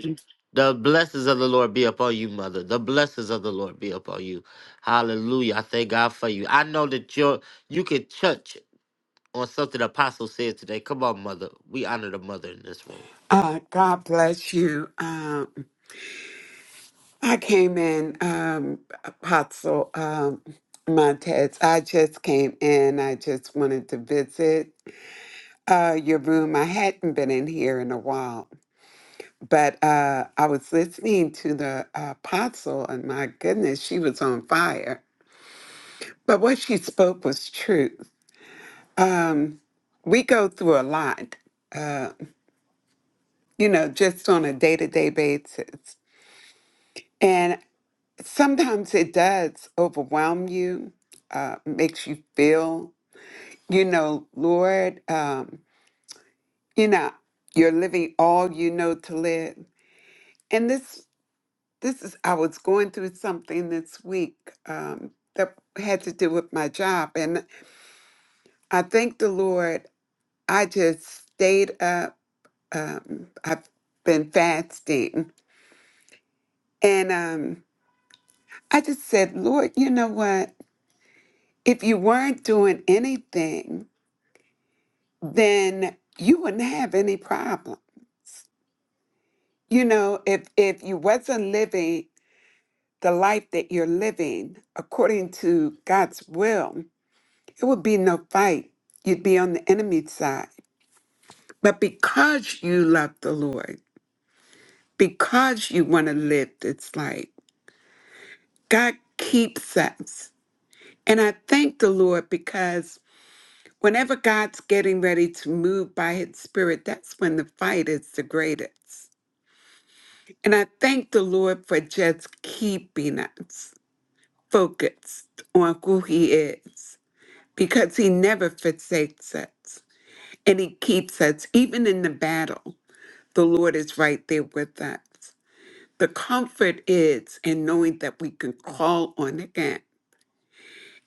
Speaker 1: the blessings of the Lord be upon you, mother. The blessings of the Lord be upon you. Hallelujah. I thank God for you. I know that you're you can touch on something the apostle said today. Come on, mother. We honor the mother in this room.
Speaker 6: Uh, God bless you. Um, I came in, um, Apostle um, Montez. I just came in. I just wanted to visit uh, your room. I hadn't been in here in a while, but uh, I was listening to the uh, Apostle, and my goodness, she was on fire. But what she spoke was truth. Um, we go through a lot, uh, you know, just on a day to day basis. and sometimes it does overwhelm you, uh, makes you feel, you know, Lord, um, you know, you're living all you know to live. And this, this is, I was going through something this week um, that had to do with my job. And I thank the Lord, I just stayed up. Um, I've been fasting. And um, I just said, Lord, you know what? If you weren't doing anything, then you wouldn't have any problem. You know, if if you wasn't living the life that you're living according to God's will, it would be no fight. You'd be on the enemy's side. But because you love the Lord, because you want to live this life, God keeps us. And I thank the Lord because whenever God's getting ready to move by his spirit, that's when the fight is the greatest. And I thank the Lord for just keeping us focused on who He is because He never forsakes us and He keeps us. Even in the battle, the Lord is right there with us. The comfort is in knowing that we can call on Him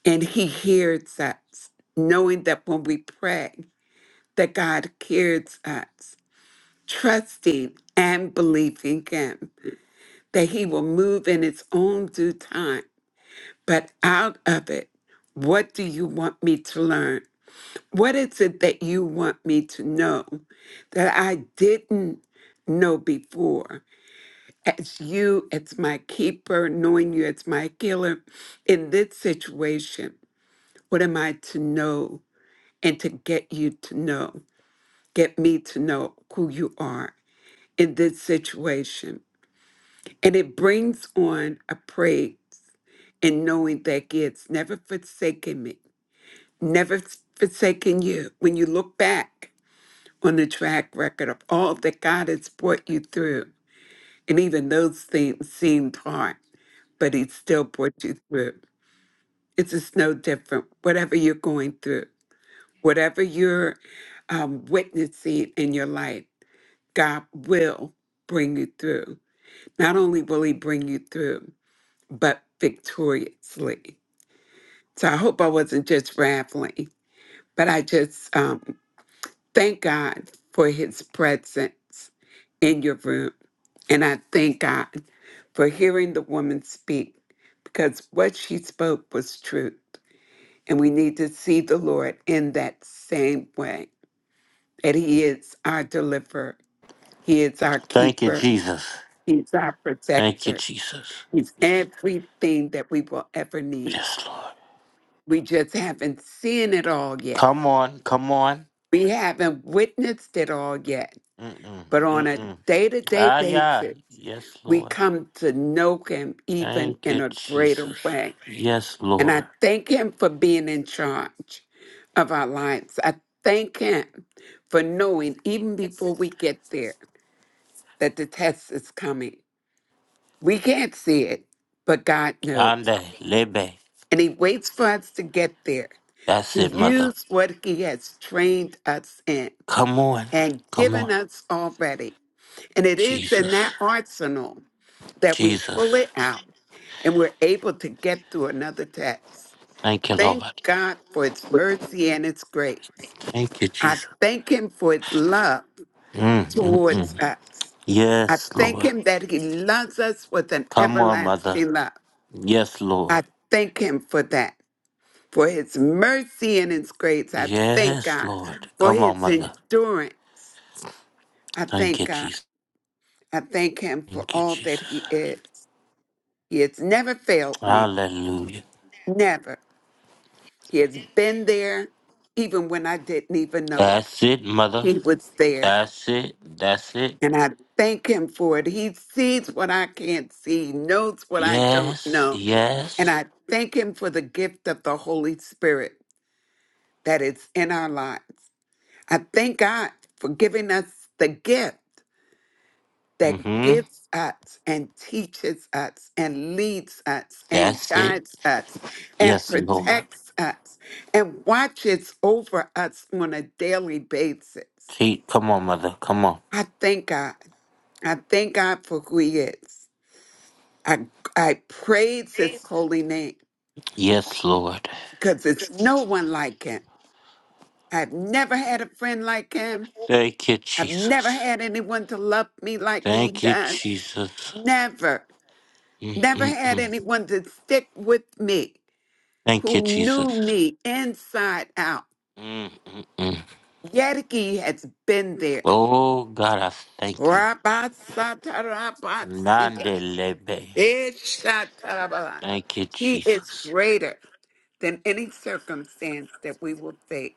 Speaker 6: and He hears us, knowing that when we pray, that God hears us, trusting and believing Him that He will move in His own due time But out of it, what do you want me to learn? What is it that you want me to know that I didn't know before? As you, as my keeper, knowing you as my healer in this situation, what am I to know and to get you to know? Get me to know who you are in this situation. And it brings on a praise and knowing that He has never forsaken me never forsaken you. When you look back on the track record of all that God has brought you through, and even those things seemed hard, but He still brought you through. It's just no different, whatever you're going through, whatever you're um, witnessing in your life, God will bring you through. Not only will He bring you through, but victoriously. So I hope I wasn't just rattling, but I just um, Thank God for his presence in your room. And I thank God for hearing the woman speak because what she spoke was truth. And we need to see the Lord in that same way that he is our deliverer, he is our
Speaker 1: Thank you,
Speaker 6: keeper,
Speaker 1: Jesus.
Speaker 6: he's our
Speaker 1: Thank you,
Speaker 6: protector,
Speaker 1: Jesus.
Speaker 6: he's everything that we will ever need.
Speaker 1: Yes, Lord.
Speaker 6: We just haven't seen it all yet.
Speaker 1: Come on, come on.
Speaker 6: We haven't witnessed it all yet
Speaker 1: Mm-mm,
Speaker 6: But on a
Speaker 1: mm-mm.
Speaker 6: day to day
Speaker 1: Ah, yeah.
Speaker 6: basis,
Speaker 1: Yes,
Speaker 6: we
Speaker 1: Lord.
Speaker 6: come to know Him even
Speaker 1: Thank
Speaker 6: in
Speaker 1: you,
Speaker 6: a greater
Speaker 1: Jesus.
Speaker 6: way.
Speaker 1: Yes,
Speaker 6: And
Speaker 1: Lord.
Speaker 6: I thank Him for being in charge of our lives. I thank Him for knowing, even before we get there, that the test is coming. We can't see it, but God knows.
Speaker 1: Ande, lebe.
Speaker 6: And He waits for us to get there
Speaker 1: That's
Speaker 6: to
Speaker 1: it, mother.
Speaker 6: use what He has trained us in
Speaker 1: Come on.
Speaker 6: and
Speaker 1: Come on.
Speaker 6: given us already And it is in
Speaker 1: Jesus.
Speaker 6: that arsenal that we
Speaker 1: Jesus.
Speaker 6: pull it out and we're able to get through another test.
Speaker 1: Thank you,
Speaker 6: Thank
Speaker 1: Lord.
Speaker 6: God for its mercy and its grace.
Speaker 1: Thank you,
Speaker 6: I
Speaker 1: Jesus.
Speaker 6: thank Him for its love
Speaker 1: Mm, mm,
Speaker 6: towards
Speaker 1: mm.
Speaker 6: us. I
Speaker 1: Yes,
Speaker 6: thank
Speaker 1: Lord.
Speaker 6: Him that He loves us with an
Speaker 1: Come on, mother.
Speaker 6: everlasting love.
Speaker 1: Yes, Lord.
Speaker 6: I thank Him for that, for His mercy and His grace. I thank
Speaker 1: Yes,
Speaker 6: God
Speaker 1: Lord.
Speaker 6: for
Speaker 1: Come on,
Speaker 6: His
Speaker 1: mother.
Speaker 6: endurance. I
Speaker 1: Thank
Speaker 6: thank
Speaker 1: you,
Speaker 6: God.
Speaker 1: Jesus.
Speaker 6: I thank Him for
Speaker 1: Thank you,
Speaker 6: all that He
Speaker 1: Jesus.
Speaker 6: is. He has never failed me.
Speaker 1: Hallelujah.
Speaker 6: Never. He has been there even when I didn't even know it.
Speaker 1: That's it, mother.
Speaker 6: He was there.
Speaker 1: That's it. That's it.
Speaker 6: And I thank him for it. He sees what I can't see, knows what I don't
Speaker 1: Yes,
Speaker 6: know. And
Speaker 1: yes.
Speaker 6: I thank him for the gift of the Holy Spirit that is in our lives. I thank God for giving us the gift. that
Speaker 1: Mm-hmm.
Speaker 6: gives us and teaches us and leads us and
Speaker 1: That's it.
Speaker 6: guides us and
Speaker 1: Yes, Lord.
Speaker 6: protects us and watches over us on a daily basis.
Speaker 1: Keep, come on, mother. Come on.
Speaker 6: I thank God. I thank God for who He is. I, I praise His holy name
Speaker 1: Yes, Lord.
Speaker 6: because it's no one like Him. I've never had a friend like Him.
Speaker 1: Thank you,
Speaker 6: I've never
Speaker 1: Jesus.
Speaker 6: had anyone to love me like He
Speaker 1: Thank you,
Speaker 6: does.
Speaker 1: Jesus.
Speaker 6: Never. Never had
Speaker 1: Mm-mm-mm.
Speaker 6: anyone to stick with me
Speaker 1: Thank you,
Speaker 6: who knew
Speaker 1: Jesus.
Speaker 6: me inside out.
Speaker 1: Mm-mm-mm.
Speaker 6: Yetike has been there.
Speaker 1: Oh, God, I thank you.
Speaker 6: Rabasatarabasi,
Speaker 1: Nandelebe.
Speaker 6: ishatarabala.
Speaker 1: Thank you,
Speaker 6: He is
Speaker 1: Jesus.
Speaker 6: greater than any circumstance that we will face.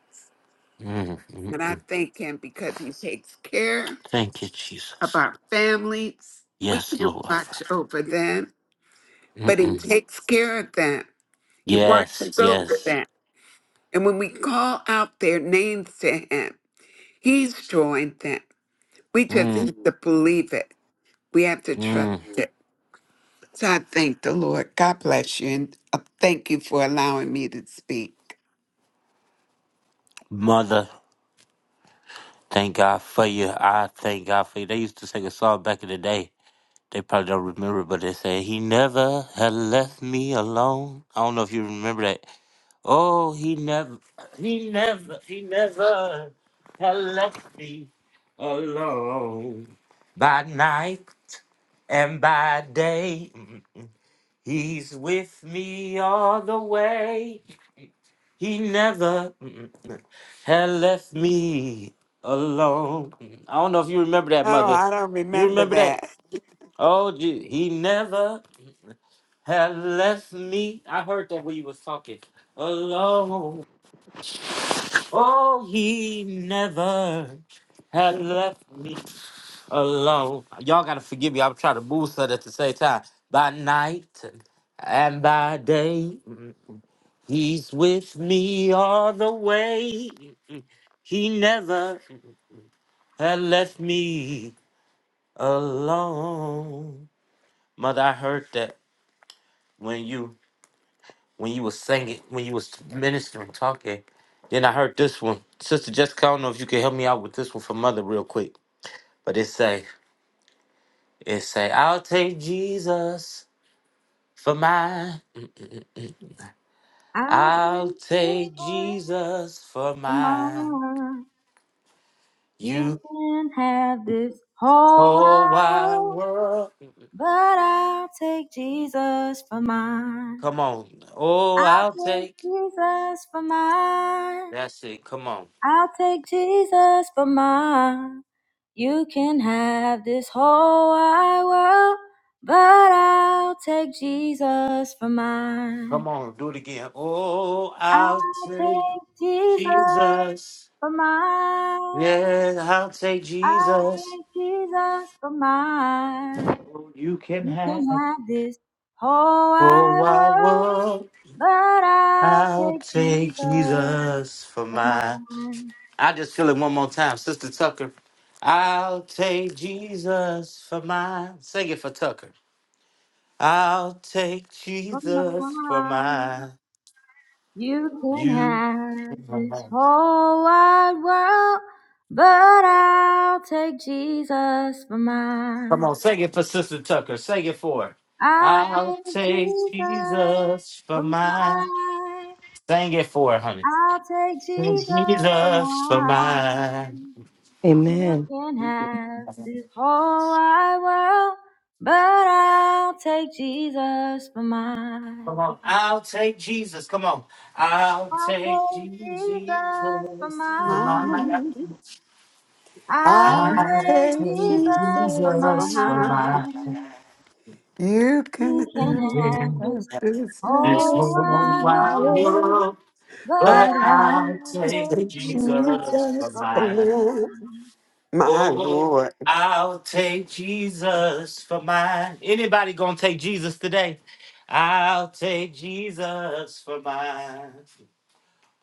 Speaker 1: Mm-mm.
Speaker 6: And I thank him because he takes care
Speaker 1: Thank you,
Speaker 6: of
Speaker 1: Jesus.
Speaker 6: our families. We
Speaker 1: Yes,
Speaker 6: can't
Speaker 1: Lord.
Speaker 6: watch over them, but he
Speaker 1: Mm-mm.
Speaker 6: takes care of them. He
Speaker 1: Yes,
Speaker 6: watches over
Speaker 1: yes.
Speaker 6: them. And when we call out their names to him, He's joined them. We just
Speaker 1: Mm-mm.
Speaker 6: have to believe it. We have to trust it. So I thank the Lord. God bless you. And uh, thank you for allowing me to speak.
Speaker 1: Mother. Thank God for you. I thank God for you. They used to sing a song back in the day. They probably don't remember, but they say, He never had left me alone. I don't know if you remember that. Oh, he never, he never, he never had left me alone. By night and by day, mm, mm, he's with me all the way. He never mm, mm, had left me alone. Mm, I don't know if you remember that,
Speaker 6: Oh,
Speaker 1: mother.
Speaker 6: I don't
Speaker 1: You
Speaker 6: remember
Speaker 1: remember
Speaker 6: that.
Speaker 1: that? Oh, gee. he never had left me. I heard that when you was talking alone. Oh, he never had left me alone. Y'all gotta forgive me. I'm trying to move something at the same time. By night and by day. He's with me all the way. He never had left me alone. Mother, I heard that when you when you was singing, when you was ministering, talking. Then I heard this one. Sister Jessica, I don't know if you can help me out with this one for mother real quick. But it say, it say, I'll take Jesus for mine.
Speaker 5: I've
Speaker 1: I'll take
Speaker 5: been
Speaker 1: Jesus for
Speaker 5: Come
Speaker 1: mine.
Speaker 5: on, you
Speaker 1: You
Speaker 5: can have this whole
Speaker 1: whole
Speaker 5: wide
Speaker 1: wide
Speaker 5: world,
Speaker 1: world.
Speaker 5: but I'll take Jesus for mine.
Speaker 1: Come on. Oh, I'll
Speaker 5: take
Speaker 1: take.
Speaker 5: Jesus for mine.
Speaker 1: That's it. Come on.
Speaker 5: I'll take Jesus for mine. You can have this whole wide world, but I'll take Jesus for mine.
Speaker 1: Come on. Do it again. Oh, I'll
Speaker 5: I'll
Speaker 1: take
Speaker 5: take Jesus
Speaker 1: Jesus.
Speaker 5: for mine.
Speaker 1: Yeah, I'll take
Speaker 5: I
Speaker 1: Jesus.
Speaker 5: thank Jesus for mine.
Speaker 1: Oh, you can
Speaker 5: You can
Speaker 1: have.
Speaker 5: have this whole
Speaker 1: Oh,
Speaker 5: wide
Speaker 1: I
Speaker 5: world,
Speaker 1: will.
Speaker 5: but I'll
Speaker 1: I'll
Speaker 5: take
Speaker 1: take
Speaker 5: Jesus
Speaker 1: Jesus for
Speaker 5: for
Speaker 1: my.
Speaker 5: mine,
Speaker 1: I just feel it one more time, Sister Tucker. I'll take Jesus for mine. Sing it for Tucker. I'll take
Speaker 5: for
Speaker 1: Jesus for
Speaker 5: mine.
Speaker 1: mine.
Speaker 5: You can
Speaker 1: You.
Speaker 5: have this whole wide world, but I'll take Jesus for
Speaker 1: Come
Speaker 5: mine.
Speaker 1: on, sing it for Sister Tucker. Sing it for her.
Speaker 5: I'll
Speaker 1: I'll
Speaker 5: take
Speaker 1: take
Speaker 5: Jesus
Speaker 1: Jesus for
Speaker 5: for
Speaker 1: mine.
Speaker 5: mine.
Speaker 1: Sing it for her, honey.
Speaker 5: I'll take
Speaker 1: Take
Speaker 5: Jesus for
Speaker 1: Jesus for mine.
Speaker 5: mine. You
Speaker 4: Amen.
Speaker 5: can have this whole wide world, but I'll take Jesus for mine.
Speaker 1: Come on, I'll take Jesus. Come on, I'll
Speaker 5: I'll
Speaker 1: take
Speaker 5: take
Speaker 1: Jesus
Speaker 5: Jesus for
Speaker 1: for mine.
Speaker 5: mine.
Speaker 6: Mine,
Speaker 5: I'll
Speaker 6: I
Speaker 1: I'll
Speaker 5: take
Speaker 6: take
Speaker 1: take
Speaker 6: Jesus
Speaker 5: Jesus for
Speaker 6: for
Speaker 1: Jesus for
Speaker 6: mine.
Speaker 1: mine.
Speaker 5: mine.
Speaker 6: You
Speaker 5: You
Speaker 6: can
Speaker 5: can
Speaker 6: have
Speaker 1: You
Speaker 5: have
Speaker 1: can
Speaker 5: this
Speaker 1: have
Speaker 6: this
Speaker 1: This whole
Speaker 5: whole wide
Speaker 1: wild
Speaker 5: world,
Speaker 6: world,
Speaker 1: world,
Speaker 5: but
Speaker 1: but
Speaker 6: but I
Speaker 1: I'll take
Speaker 5: I'll take
Speaker 6: take
Speaker 5: Jesus
Speaker 1: Jesus for
Speaker 6: Jesus
Speaker 5: for
Speaker 6: for
Speaker 1: mine.
Speaker 6: mine.
Speaker 5: mine.
Speaker 6: My
Speaker 1: Oh,
Speaker 6: Lord.
Speaker 1: I'll take Jesus for mine. Anybody gonna take Jesus today? I'll take Jesus for mine.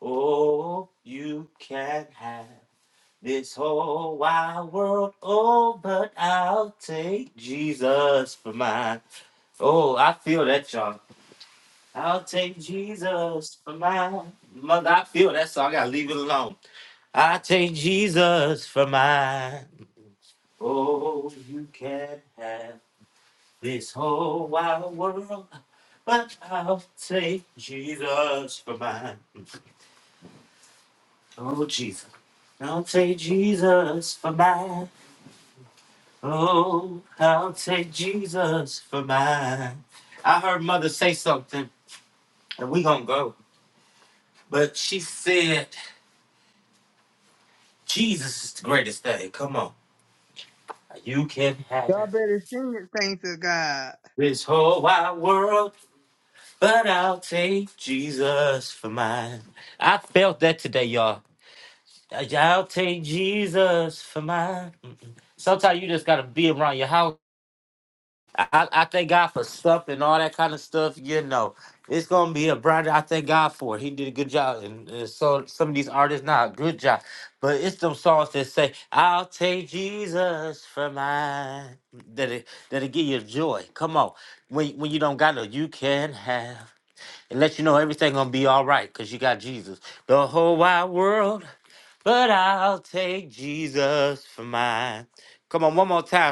Speaker 1: Oh, you can have this whole wide world. Oh, but I'll take Jesus for mine. Oh, I feel that, y'all. I'll take Jesus for mine. Mother, I feel that, so I gotta leave it alone. I take Jesus for mine. Oh, you can have this whole wide world, but I'll take Jesus for mine. Oh, Jesus. I'll take Jesus for mine. Oh, I'll take Jesus for mine. I heard mother say something, and we gonna go. But she said, Jesus is the greatest thing. Come on. You can have
Speaker 7: Y'all better sing it, thanks to God.
Speaker 1: this whole wide world. But I'll take Jesus for mine. I felt that today, y'all. I'll take Jesus for mine. Mm-mm. Sometimes you just gotta be around your house. I, I I thank God for sup and all that kind of stuff. You know, it's gonna be a brother. I thank God for it. He did a good job, and uh, so some of these artists, not good job, but it's them songs that say, "I'll take Jesus for mine." That it that it give you joy. Come on, when when you don't got no, you can have and let you know everything gonna be all right because you got Jesus. The whole wide world, but I'll take Jesus for mine. Come on, one more time,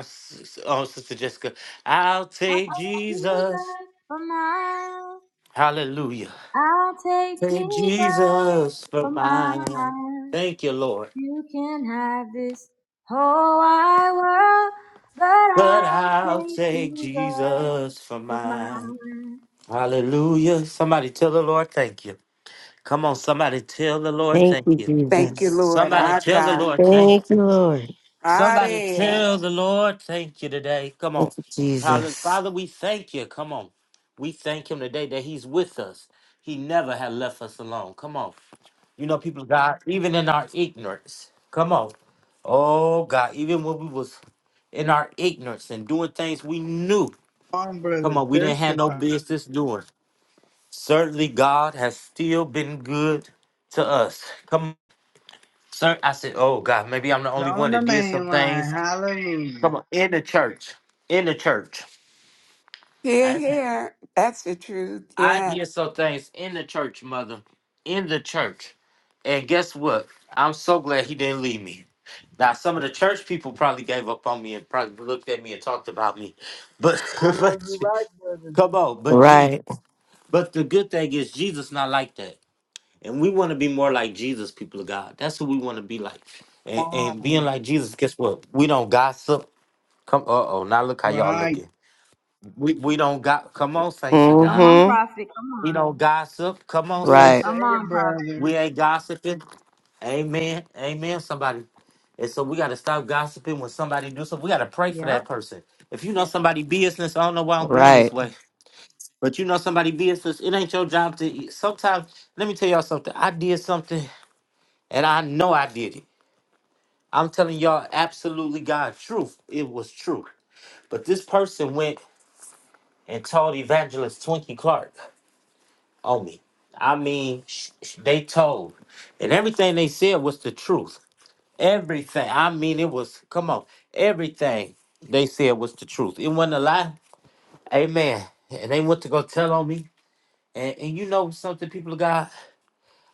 Speaker 1: s- oh, Sister Jessica. I'll
Speaker 5: I'll
Speaker 1: take
Speaker 5: take
Speaker 1: Jesus.
Speaker 5: Jesus for mine.
Speaker 1: Hallelujah.
Speaker 5: I'll take
Speaker 1: Take
Speaker 5: you back
Speaker 1: Jesus for
Speaker 5: for
Speaker 1: mine.
Speaker 5: mine.
Speaker 1: Thank you, Lord.
Speaker 5: You can have this whole wide world, but
Speaker 1: But
Speaker 5: I'll
Speaker 1: I'll
Speaker 5: take
Speaker 1: take
Speaker 5: you back
Speaker 1: Jesus for
Speaker 5: for
Speaker 1: mine.
Speaker 5: mine.
Speaker 1: Hallelujah. Somebody tell the Lord, thank you. Come on, somebody tell the Lord,
Speaker 4: Thank
Speaker 1: thank
Speaker 4: you,
Speaker 1: you.
Speaker 6: Thank you,
Speaker 4: Jesus.
Speaker 6: Lord,
Speaker 1: Somebody
Speaker 6: our
Speaker 1: tell the
Speaker 6: God.
Speaker 1: Lord, thank
Speaker 4: Thank you,
Speaker 1: you.
Speaker 4: Lord.
Speaker 1: Somebody
Speaker 6: Hare,
Speaker 1: tell the Lord, thank you today. Come
Speaker 4: Thank
Speaker 1: on.
Speaker 4: you,
Speaker 1: Hallelujah.
Speaker 4: Jesus.
Speaker 1: Father, we thank you. Come on. We thank him today that he's with us. He never had left us alone. Come on. You know, people, of God, even in our ignorance. Come on. Oh, God, even when we was in our ignorance and doing things we knew.
Speaker 7: Song
Speaker 1: Come
Speaker 7: brother
Speaker 1: on, we didn't have no
Speaker 7: testify.
Speaker 1: business doing. Certainly, God has still been good to us. Come on. Sir, I said, oh, God, maybe I'm the only one
Speaker 7: On the
Speaker 1: that did some
Speaker 7: main line,
Speaker 1: things. Come
Speaker 7: hallelujah.
Speaker 1: on, in the church. In the church.
Speaker 6: Here,
Speaker 1: I,
Speaker 6: here. That's the truth.
Speaker 1: I
Speaker 6: Yeah,
Speaker 1: did some things in the church, mother. In the church. And guess what? I'm so glad he didn't leave me. Now, some of the church people probably gave up on me and probably looked at me and talked about me. But,
Speaker 7: I know
Speaker 1: but
Speaker 7: you right, brother.
Speaker 1: come on, but gee,
Speaker 4: Right.
Speaker 1: but the good thing is Jesus not like that. And we want to be more like Jesus, people of God. That's who we want to be like. And, and being
Speaker 7: Wrong.
Speaker 1: like Jesus, guess what? We don't gossip. Come, uh oh, now look how y'all
Speaker 7: Right.
Speaker 1: looking. We we don't got come on, saints of
Speaker 5: Come
Speaker 1: God.
Speaker 5: on,
Speaker 4: Mm-hmm.
Speaker 5: prophet. Come on.
Speaker 1: We don't gossip. Come on, saints.
Speaker 4: Right.
Speaker 5: Come
Speaker 7: Understand,
Speaker 5: on, prophet.
Speaker 7: brother.
Speaker 1: We ain't gossiping. Amen. Amen. Somebody. And so we gotta stop gossiping when somebody do something. We gotta pray for
Speaker 5: Yep.
Speaker 1: that person. If you know somebody business, I don't know why I'm going this
Speaker 4: Right.
Speaker 1: way. But you know somebody business, it ain't your job to e, sometimes let me tell y'all something. I did something and I know I did it. I'm telling y'all absolutely God truth. It was true. But this person went and told evangelist Twinkie Clark. on me. I mean, sh- sh- they told, and everything they said was the truth. Everything. I mean, it was. Come on, everything they said was the truth. It wasn't a lie. Amen. And they went to go tell on me. And, and you know something, people of God,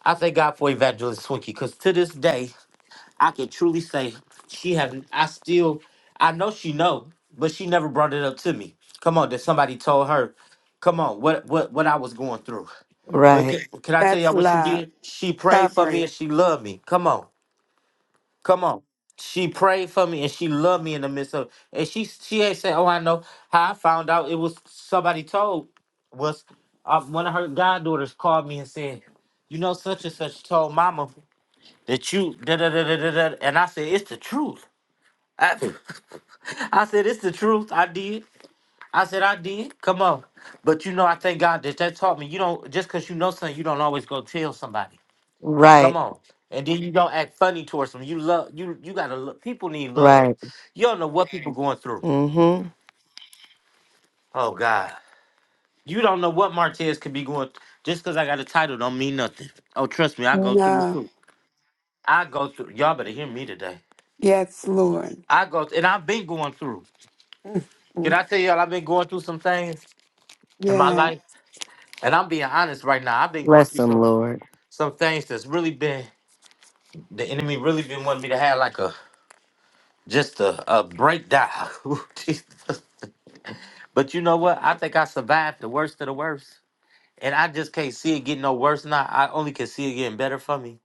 Speaker 1: I thank God for Evangelist Swinkie because to this day, I can truly say she have. I still, I know she know, but she never brought it up to me. Come on, that somebody told her. Come on, what what what I was going through. But can,
Speaker 4: Right.
Speaker 1: can I tell
Speaker 6: that's
Speaker 1: y'all what she
Speaker 6: love.
Speaker 1: did? She prayed for me
Speaker 6: Covering.
Speaker 1: and she loved me. Come on, come on. She prayed for me and she loved me in the midst of. And she she ain't said, "Oh, I know how I found out." It was somebody told was uh, one of her goddaughters called me and said, "You know, such and such told Mama that you da da da da da." da," And I said, "It's the truth." I, I said, it's the truth. I did. I said, I did. Come on. But you know, I thank God that that taught me. You don't, just because you know something, you don't always go tell somebody. Come
Speaker 4: Right.
Speaker 1: on. And then you don't act funny towards them. You love you you gotta love. people need love.
Speaker 4: Right.
Speaker 1: You don't know what people going through.
Speaker 4: Mm-hmm.
Speaker 1: Oh God. You don't know what Martez could be going th- just because I got a title don't mean nothing. Oh trust me, I go through
Speaker 6: No.
Speaker 1: too. I go through y'all better hear me today.
Speaker 6: Yes, Lord.
Speaker 1: I go and I've been going through. Can
Speaker 6: Mhm.
Speaker 1: I tell y'all I've been going through some things in my
Speaker 6: Yeah.
Speaker 1: life? And I'm being honest right now. I've been going
Speaker 4: Bless
Speaker 1: through
Speaker 4: them,
Speaker 1: some
Speaker 4: Lord.
Speaker 1: some things that's really been the enemy really been wanting me to have like a just a, a breakdown. Ooh, Jesus. But you know what? I think I survived the worst of the worst. And I just can't see it getting no worse now. I only can see it getting better for me.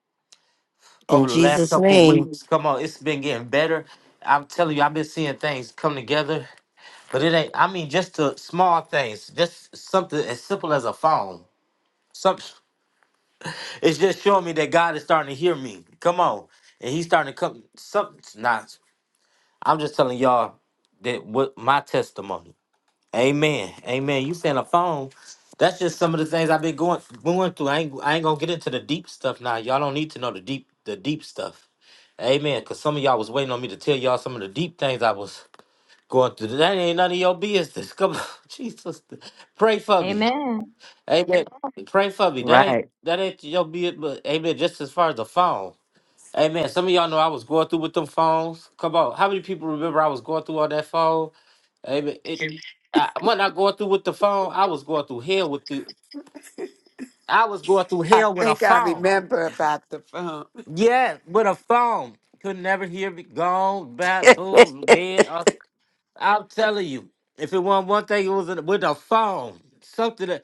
Speaker 4: In
Speaker 1: Over the last
Speaker 4: Jesus'
Speaker 1: couple of
Speaker 4: name.
Speaker 1: weeks, come on, it's been getting better. I'm telling you, I've been seeing things come together. But it ain't, I mean, just the small things, just something as simple as a phone. Some, it's just showing me that God is starting to hear me. Come on. And he's starting to come, something's not. I'm just telling y'all that what my testimony. Amen. Amen. You saying a phone. That's just some of the things I've been going going through. I ain't I ain't gonna get into the deep stuff now. Y'all don't need to know the deep the deep stuff. Amen. Cause some of y'all was waiting on me to tell y'all some of the deep things I was going through. That ain't none of your business. Come on, Jesus. Pray for me.
Speaker 5: Amen.
Speaker 1: Amen. Pray for me. That ain't
Speaker 4: Right.
Speaker 1: that ain't your business, but amen. Just as far as the phone. Amen. Some of y'all know I was going through with them phones. Come on. How many people remember I was going through on that phone? Amen. It, I, when I going through with the phone, I was going through hell with the. I was going through
Speaker 6: I
Speaker 1: hell with a
Speaker 6: think I
Speaker 1: phone.
Speaker 6: remember about the phone.
Speaker 1: Yeah, with a phone. Could never hear me. Gone, bad, boo, dead. Uh, I'm telling you, if it wasn't one thing, it was in- with a phone. Something that.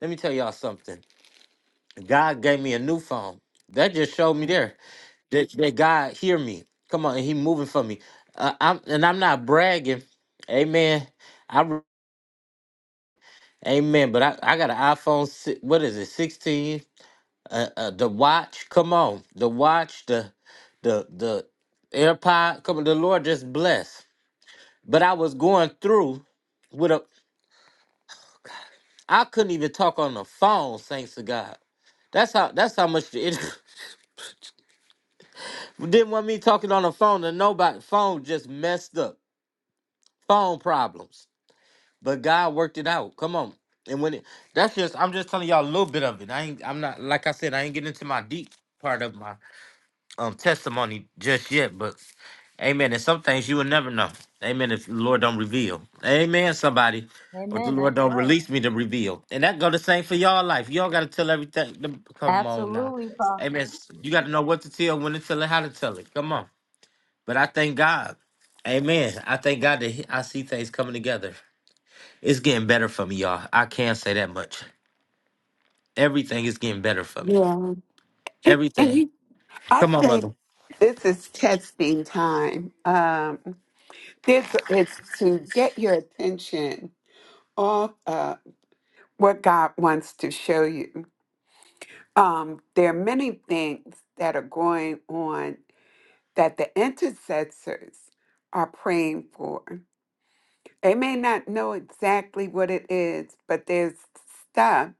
Speaker 1: Let me tell y'all something. God gave me a new phone. That just showed me there that, that God hear me. Come on, and He moving for me. Uh, I'm and I'm not bragging. Amen. I. Amen. But I, I got an iPhone. si- What is it? Sixteen. Uh, uh, the watch. Come on, the watch. The, the, the AirPod. Come on, the Lord just bless. But I was going through with a. I couldn't even talk on the phone. Thanks to God. That's how. That's how much the enemy- didn't want me talking on the phone to nobody. Phone just messed up. Phone problems. But God worked it out. Come on. And when it, that's just, I'm just telling y'all a little bit of it. I ain't, I'm not, like I said, I ain't getting into my deep part of my um testimony just yet, but amen. And some things you will never know. Amen. If the Lord don't reveal. Amen, somebody. Or the
Speaker 5: Amen.
Speaker 1: Lord
Speaker 5: That's
Speaker 1: don't
Speaker 5: right.
Speaker 1: release me to reveal. And that go the same for y'all life. Y'all gotta tell everything. the- Come on now.
Speaker 5: Absolutely, prophet.
Speaker 1: Amen. You gotta know what to tell, when to tell it, how to tell it. Come on. But I thank God. Amen. I thank God that he- I see things coming together. It's getting better for me, y'all. I can't say that much. Everything is getting better for me.
Speaker 6: Yeah. And, and
Speaker 1: Everything.
Speaker 6: you- I
Speaker 1: Come on,
Speaker 6: think
Speaker 1: mother.
Speaker 6: this is testing time. Um, this is to get your attention off uh, what God wants to show you. Um, there are many things that are going on that the intercessors are praying for. They may not know exactly what it is, but there's stuff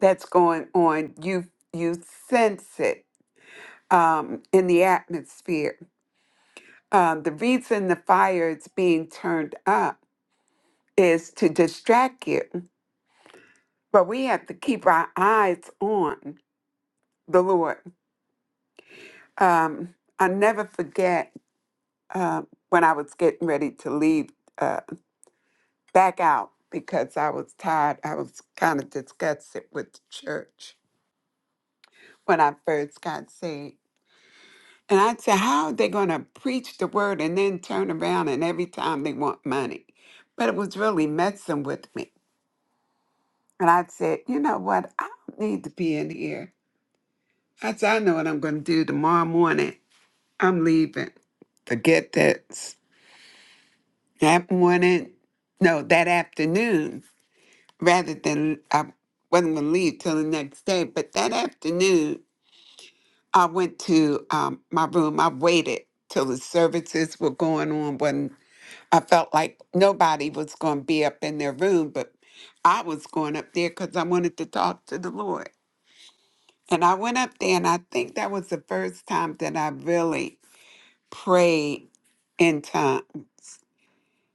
Speaker 6: that's going on. You you sense it um, in the atmosphere. Um, the reason the fire is being turned up is to distract you, but we have to keep our eyes on the Lord. Um, I'll never forget. uh, when I was getting ready to leave uh, back out because I was tired. I was kind of disgusted with the church when I first got saved. And I'd say, how are they going to preach the word and then turn around and every time they want money? But it was really messing with me. And I said, you know what? I don't need to be in here. I said, I know what I'm going to do tomorrow morning. I'm leaving. Forget this. That morning, no, that afternoon, rather than I wasn't going to leave till the next day. But that afternoon, I went to um, my room. I waited till the services were going on when I felt like nobody was going to be up in their room, but I was going up there because I wanted to talk to the Lord. And I went up there, and I think that was the first time that I really prayed in tongues.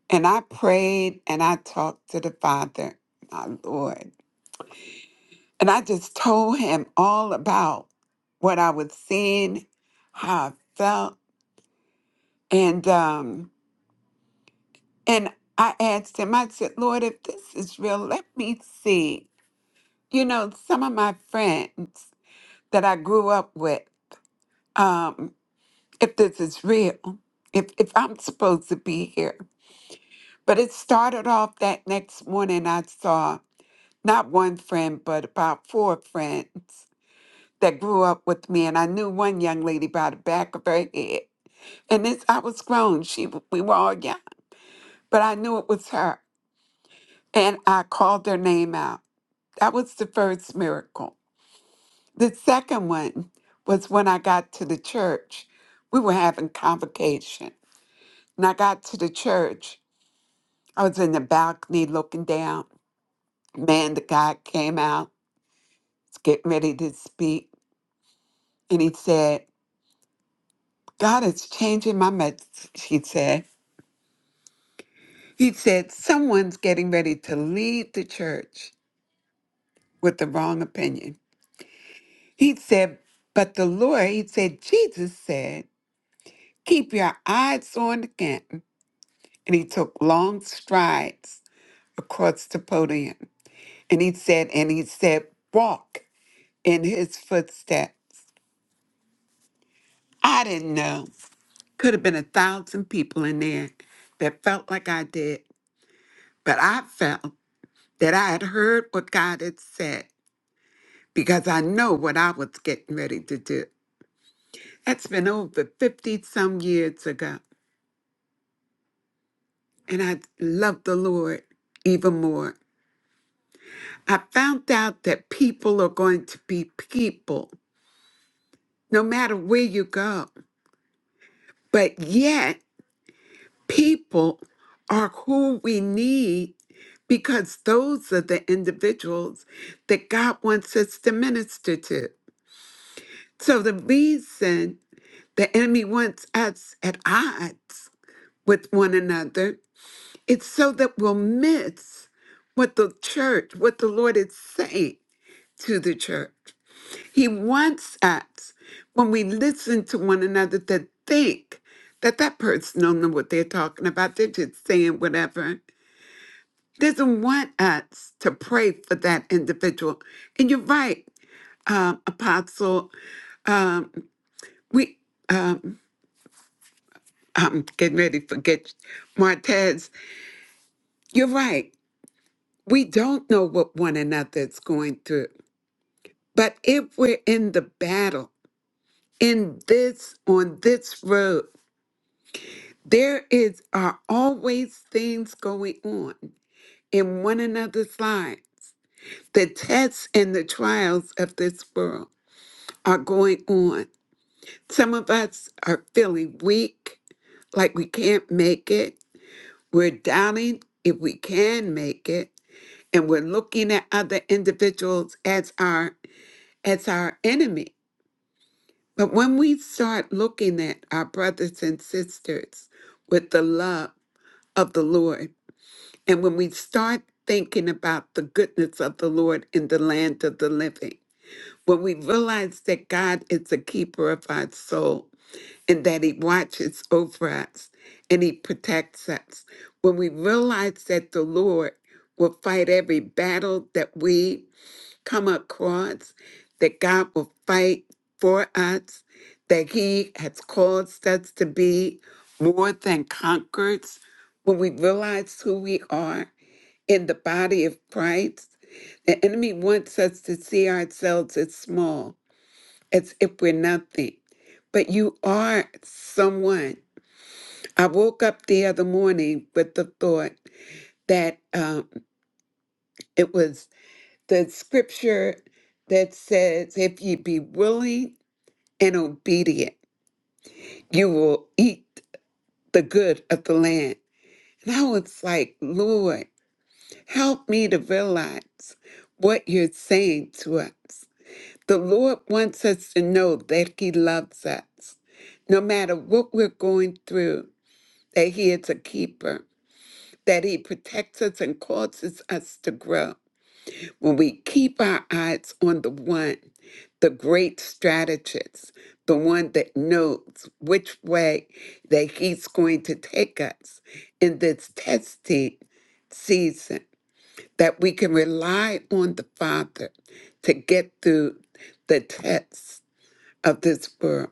Speaker 6: And I prayed and I talked to the Father, my Lord. And I just told him all about what I was seeing, how I felt. And um, and I asked him, I said, Lord, if this is real, let me see. You know, some of my friends that I grew up with, um, if this is real, if if I'm supposed to be here. But it started off that next morning I saw not one friend, but about four friends that grew up with me, and I knew one young lady by the back of her head. And this, I was grown. She, we were all young, but I knew it was her, and I called her name out. That was the first miracle. The second one was when I got to the church. We were having convocation, and I got to the church. I was in the balcony looking down. Man, the guy came out, was getting ready to speak, and he said, "God is changing my message." He said. He said, Someone's getting ready to leave the church with the wrong opinion. He said, But the Lord, he said, Jesus said, Keep your eyes on the game. And he took long strides across the podium. And he said, And he said, Walk in his footsteps. I didn't know. Could have been a thousand people in there that felt like I did, but I felt that I had heard what God had said because I know what I was getting ready to do. That's been over 50 some years ago. And I love the Lord even more. I found out that people are going to be people no matter where you go. But yet, people are who we need because those are the individuals that God wants us to minister to. So the reason the enemy wants us at odds with one another It's so that we'll miss what the church, what the Lord is saying to the church. He wants us, when we listen to one another, to think that that person don't know what they're talking about. They're just saying whatever. Doesn't want us to pray for that individual. And you're right, um, Apostle. Um, we, um, I'm getting ready to forget Martez. You're right. We don't know what one another is going through. But if we're in the battle, in this, on this road, there is are always things going on in one another's life. The tests and the trials of this world are going on. Some of us are feeling weak, like we can't make it. We're doubting if we can make it, and we're looking at other individuals as our as our enemy. But when we start looking at our brothers and sisters with the love of the Lord, and when we start thinking about the goodness of the Lord in the land of the living, when we realize that God is the keeper of our soul and that He watches over us and He protects us, when we realize that the Lord will fight every battle that we come across that God will fight for us, that He has caused us to be more than conquerors. When we realize who we are in the body of Christ, the enemy wants us to see ourselves as small, as if we're nothing. But you are someone. I woke up the other morning with the thought that um, it was. the scripture that says, If ye be willing and obedient, you will eat the good of the land. And I was like, Lord, help me to realize what you're saying to us. The Lord wants us to know that He loves us, no matter what we're going through, that He is a keeper, that He protects us and causes us to grow. When we keep our eyes on the one, the great strategist, the one that knows which way that he's going to take us in this testing season, that we can rely on the Father to get through the tests of this world,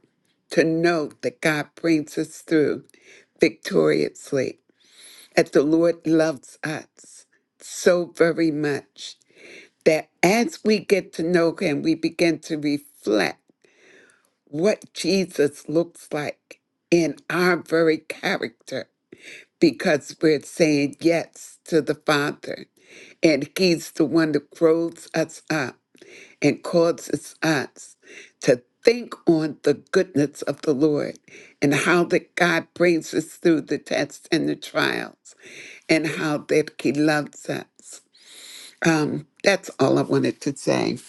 Speaker 6: to know that God brings us through victoriously, that the Lord loves us so very much that as we get to know him, we begin to reflect what Jesus looks like in our very character because we're saying yes to the Father. And he's the one that grows us up and causes us to think on the goodness of the Lord and how that God brings us through the tests and the trials and how that he loves us. Um, that's all I wanted to say.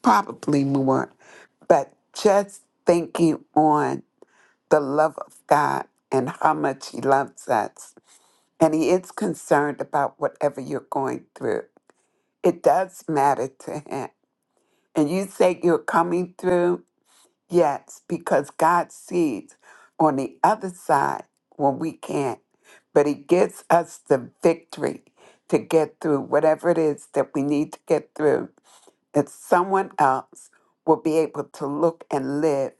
Speaker 6: Probably more, but just thinking on the love of God and how much He loves us, and He is concerned about whatever you're going through. It does matter to Him. And you say you're coming through? Yes, because God sees on the other side when we can't, but He gives us the victory to get through whatever it is that we need to get through that someone else will be able to look and live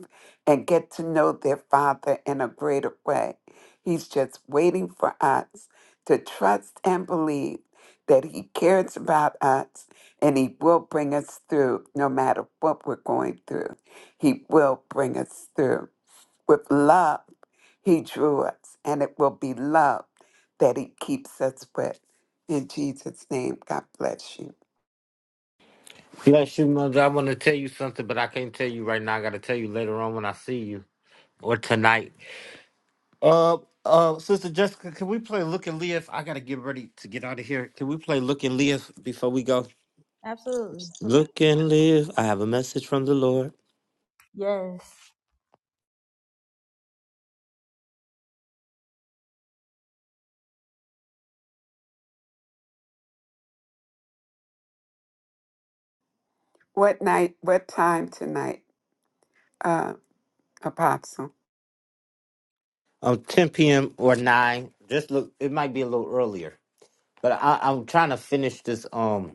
Speaker 6: and get to know their Father in a greater way. He's just waiting for us to trust and believe that He cares about us and He will bring us through no matter what we're going through. He will bring us through. With love, He drew us, and it will be love that He keeps us with. In Jesus' name, God bless you.
Speaker 1: Bless you, mother. I want to tell you something, but I can't tell you right now. I got to tell you later on when I see you or tonight. Uh, uh, Sister Jessica, can we play Look and Live? I got to get ready to get out of here. Can we play Look and Live before we go?
Speaker 5: Absolutely.
Speaker 1: Look and Live. I have a message from the Lord.
Speaker 5: Yes.
Speaker 6: What night? What time tonight, uh, Apostle?
Speaker 1: Um, 10 p.m. or 9. Just look, it might be a little earlier, but I, I'm trying to finish this. Um,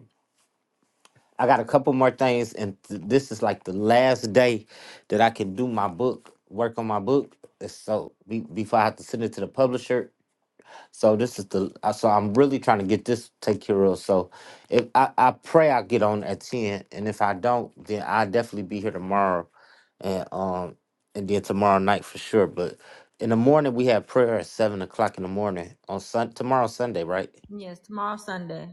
Speaker 1: I got a couple more things, and th- this is like the last day that I can do my book, work on my book. uh, So be- before I have to send it to the publisher. So this is the uh, so I'm really trying to get this take care of. So if I, I pray I get on at ten, and if I don't, then I'll definitely be here tomorrow, and um and then tomorrow night for sure. But in the morning we have prayer at seven o'clock in the morning on Sun tomorrow Sunday, right?
Speaker 5: Yes. Tomorrow, Sunday.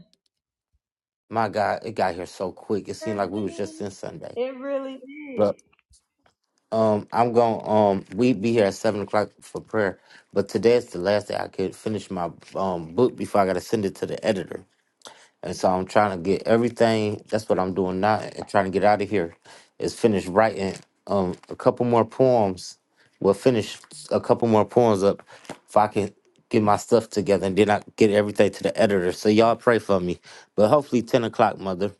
Speaker 1: My God, it got here so quick. It
Speaker 5: Sure
Speaker 1: seemed like we was just
Speaker 5: did.
Speaker 1: in Sunday.
Speaker 5: It really did.
Speaker 1: Um, I'm going. Um, we be here at seven o'clock for prayer, but today is the last day I could finish my um book before I got to send it to the editor, and so I'm trying to get everything. That's what I'm doing now, and trying to get out of here. Is finish writing um a couple more poems. Well, finish a couple more poems up if I can get my stuff together, and then I get everything to the editor. So y'all pray for me, but hopefully ten o'clock, mother,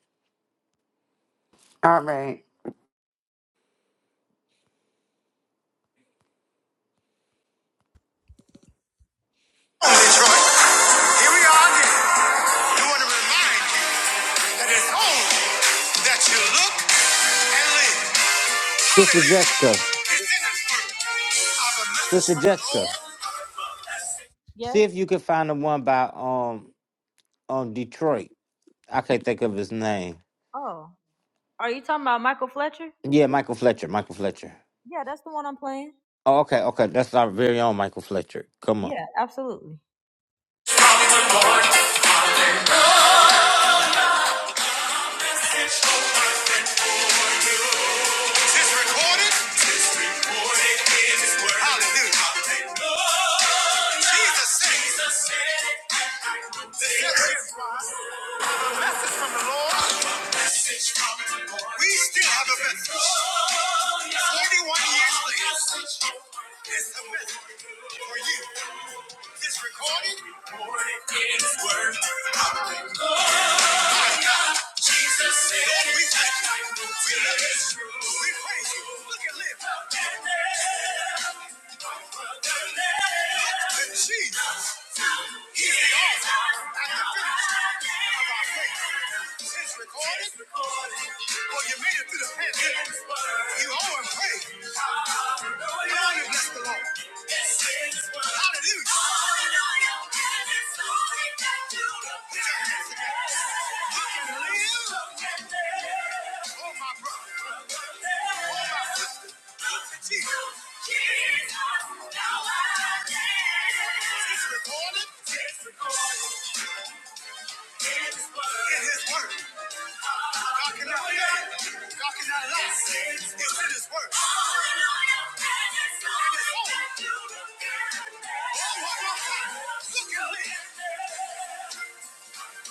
Speaker 6: All right.
Speaker 5: Detroit. Here we are again. We want to remind you that it's only that you look and live.
Speaker 1: sister Jessica,
Speaker 5: Hallelujah. Is in this world of a message
Speaker 1: sister
Speaker 5: from the
Speaker 1: Jessica,
Speaker 5: Lord? Yes.
Speaker 1: see if you can find the one by um. on Detroit. I can't think of his name.
Speaker 5: Oh. Are you talking about Michael Fletcher?
Speaker 1: Yeah, Michael Fletcher. Michael Fletcher.
Speaker 5: Yeah, that's the one I'm playing.
Speaker 1: Oh, okay, okay. That's our very own Michael Fletcher. Come on.
Speaker 5: Yeah, absolutely. It's recorded. It's recorded in his word. Hallelujah. Jesus said. Jesus said. That's it. message from the Lord. We still have a message. 41 years later, it's a message for you. This recording is worth our God. Jesus said, Lord, we thank you. We love you. We praise you. Look at live. Jesus. he Oh, my brother. Oh, my sister. Look at it. It's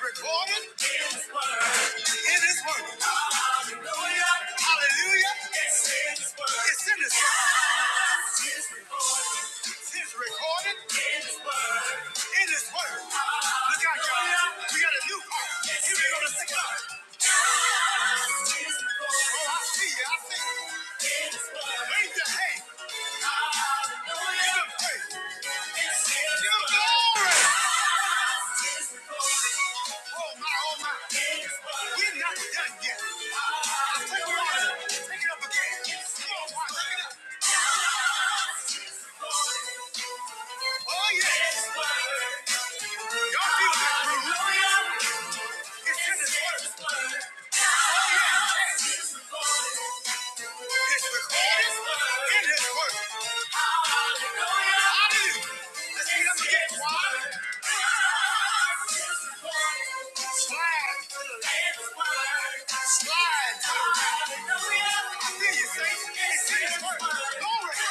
Speaker 5: recorded in His Word. It is Word. Hallelujah. Hallelujah. It's in His Word. It's in His Word. It's recorded. It's recorded in His Word. In His Word. Look out, y'all. We got a new part. Here we go to sing up. Y'all feel that, bro? It's in his word. Oh, yeah. His work. In his work. Hallelujah. Let's get up again. Slide. Slide. I hear you, Saint. It's in his work. Glory.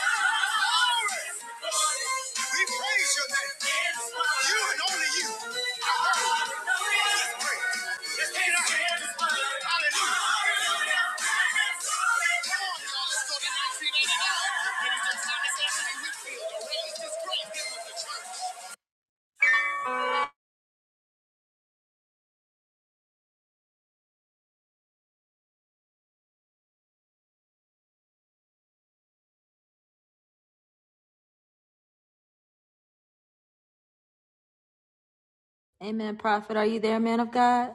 Speaker 5: Glory. We praise your name. You and only you. I heard. Let's pray. Amen, Prophet. Are you there, man of God?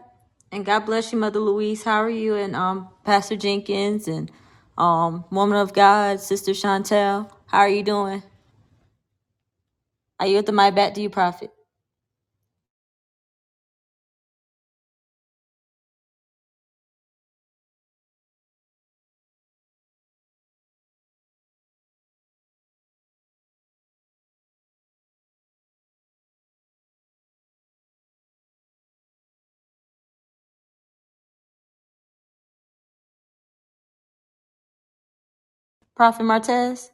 Speaker 5: And God bless you, Mother Louise. How are you? And um, Pastor Jenkins and um, Woman of God, Sister Chantel. How are you doing? Are you at the mic back? Do you, Prophet? Prophet Martez.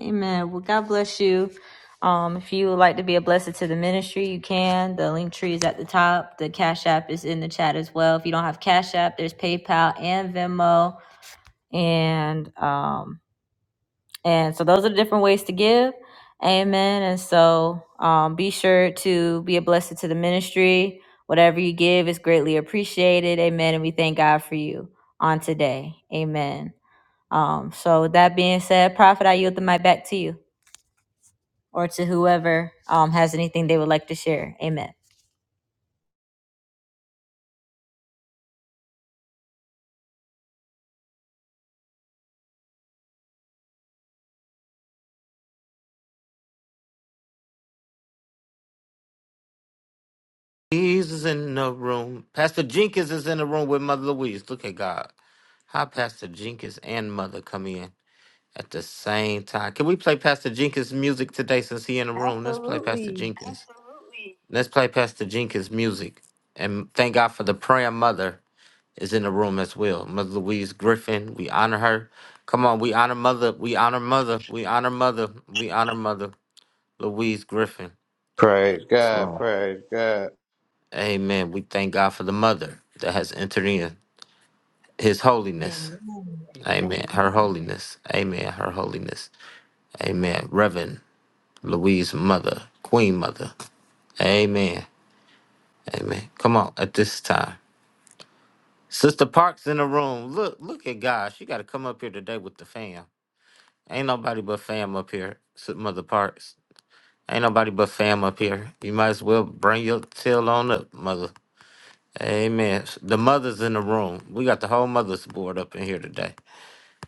Speaker 5: Amen. Well, God bless you. Um, if you would like to be a blessing to the ministry, you can. The link tree is at the top. The Cash App is in the chat as well. If you don't have Cash App, there's PayPal and Venmo, and um, and so those are the different ways to give. Amen. And so um, be sure to be a blessing to the ministry. Whatever you give is greatly appreciated. Amen. And we thank God for you on today. Amen. Um, so with that being said, Prophet, I yield the mic back to you or to whoever um, has anything they would like to share. Amen.
Speaker 1: Jesus in the room. Pastor Jenkins is in the room with Mother Louise. Look at God. How Pastor Jenkins and Mother come in at the same time. Can we play Pastor Jenkins' music today since he in the room? Let's play Pastor
Speaker 5: Absolutely.
Speaker 1: Jenkins. Let's play Pastor Jenkins' music. And thank God for the prayer mother. is in the room as well. Mother Louise Griffin, we honor her. Come on, we honor mother, we honor mother, we honor mother, we honor mother Louise Griffin.
Speaker 8: Praise
Speaker 1: It's
Speaker 8: God,
Speaker 1: wrong.
Speaker 8: praise God,
Speaker 1: Amen. We thank God for the mother that has entered in his holiness.
Speaker 5: Amen.
Speaker 1: Amen. Her holiness. Amen. Her holiness. Amen. Reverend Louise Mother, Queen Mother. Amen. Amen. Come on at this time. Sister Parks in the room. Look, look at God. She gotta come up here today with the fam. Ain't nobody but fam up here, S- Mother Parks. Ain't nobody but fam up here. You might as well bring your tail on up, Mother. Amen. The mothers in the room. We got the whole mothers board up in here today.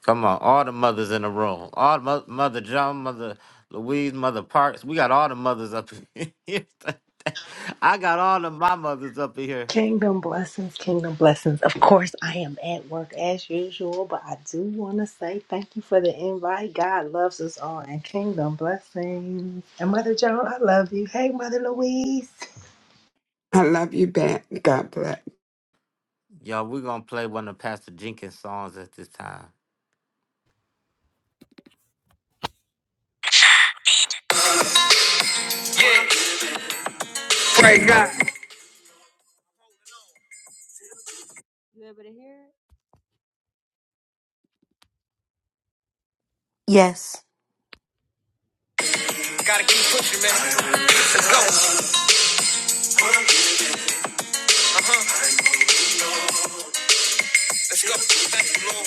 Speaker 1: Come on, all the mothers in the room. All the mo- Mother John, Mother Louise, Mother Parks. We got all the mothers up in here today. I got all of my mothers up in here.
Speaker 9: Kingdom blessings, kingdom blessings. Of course, I am at work as usual, but I do want to say thank you for the invite. God loves us all, and kingdom blessings. And Mother Joan, I love you. Hey, Mother Louise.
Speaker 6: I love you, Ben. God bless.
Speaker 1: Y'all, we going to play one of Pastor Jenkins' songs at this time.
Speaker 5: You able to hear it?
Speaker 4: Yes.
Speaker 5: Let's go. Thank you, Lord.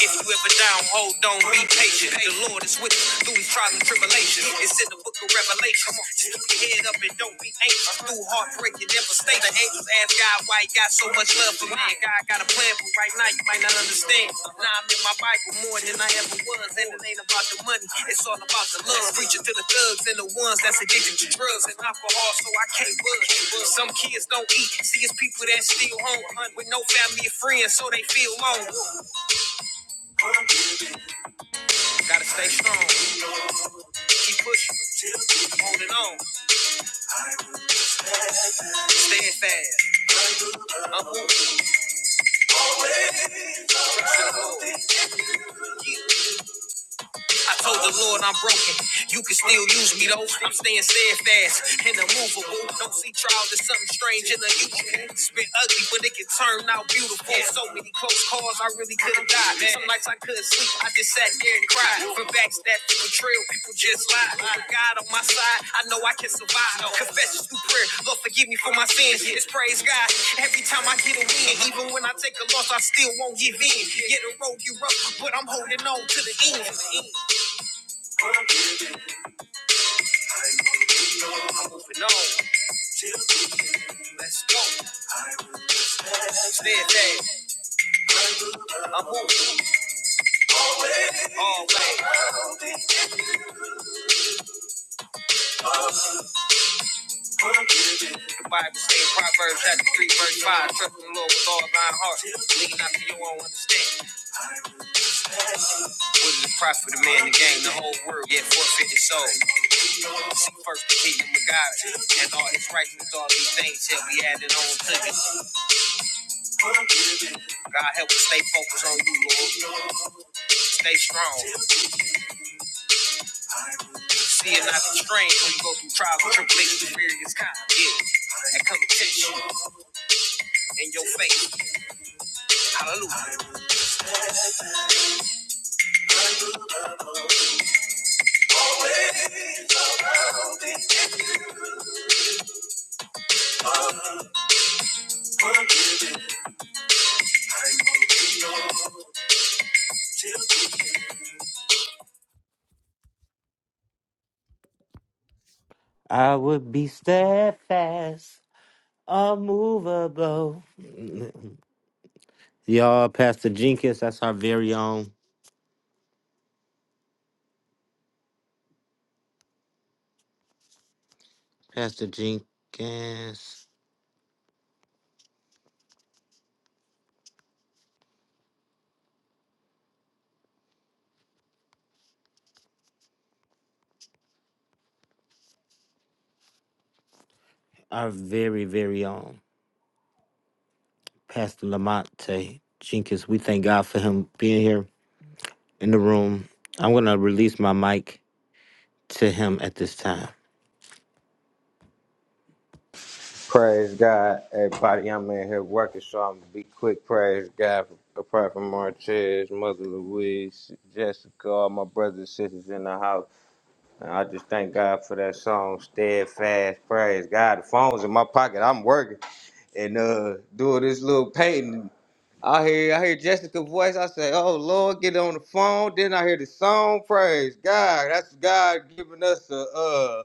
Speaker 5: If you ever down, hold on, be patient. The Lord is with you through these trials and tribulations. It's in the book of Revelation. Just keep your head up and don't be anxious. Through heartbreak, you never stay. The angels ask God why he got so much love for man. God got a plan, but right now you might not understand. Now I'm in my Bible more than I ever was. And it ain't about the money, it's all about the love. Preaching to the thugs and the ones that's addicted to drugs and alcohol, so I can't budge. Some kids don't eat. See, it's people that still home with no family or friends, so they feel alone. Gotta stay strong, keep pushing, keep holding on, staying fast. I'm who I told the Lord I'm broken. You can still use me though. I'm staying steadfast and immovable. Don't see trials as something strange in and unusual. It's been ugly, but it can turn out beautiful. So many close calls, I really could have died. Some nights I couldn't sleep. I just sat there and cried. For backstab, for betrayal, people just lie. With God on my side, I know I can survive. Confessions through prayer. Lord, forgive me for my sins. It's praise God. Every time I get a win, even when I take a loss, I still won't give in. Yeah, the road you rough, but I'm holding on to the end. moving on, steadfast, I'm moving always. The Bible says Proverbs chapter 3, verse 5, trust in the Lord with all thine heart, lean not to your own understanding. What is the profit of man to gain the whole world, yet forfeit his soul? Seek first the kingdom of God, and all his righteousness, all these things shall be added on to you. God help us stay focused on you, Lord. Stay strong. See it not the strain when you go through trials and tribulations, various kinds. Yeah, that come to test you in your faith. Hallelujah.
Speaker 1: I would be steadfast Unmovable. Y'all, Pastor Jenkins, that's our very own Pastor Jenkins, our very, very own Pastor Lamonte Jenkins. We thank God for him being here in the room. I'm going to release my mic to him at this time.
Speaker 8: praise God. Everybody, I'm in here working, so I'm gonna be quick. Praise God for Prophet Martez, Mother Louise, Jessica, all my brothers and sisters in the house. And I just thank God for that song, Steadfast. Praise God. The phone's in my pocket. I'm working and uh doing this little painting. I hear I hear Jessica's voice. I say, Oh Lord, get on the phone. Then I hear the song. Praise God. That's God giving us a uh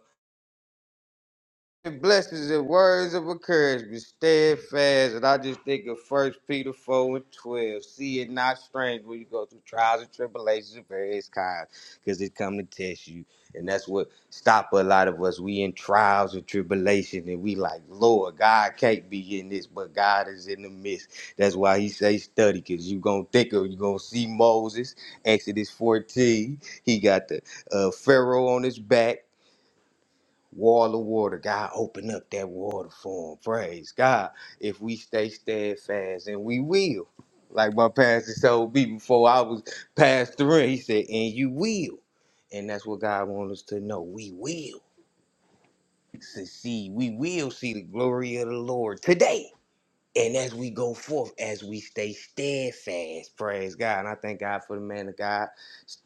Speaker 8: blessings and words of encouragement, steadfast. And I just think of First Peter 4 and 12. See it not strange when you go through trials and tribulations of various kinds, because it come to test you. And that's what stop a lot of us. We in trials and tribulation, and we like, Lord, God can't be in this, but God is in the midst. That's why he say study, because you going to think of, you going to see Moses, Exodus 14. He got the uh, Pharaoh on his back Wall of water, God, open up that water for him. Praise God. If we stay steadfast, and we will. Like my pastor told me before I was passed through, he said, and you will. And that's what God wants us to know. We will succeed. We will see the glory of the Lord today. And as we go forth, as we stay steadfast, praise God. And I thank God for the man of God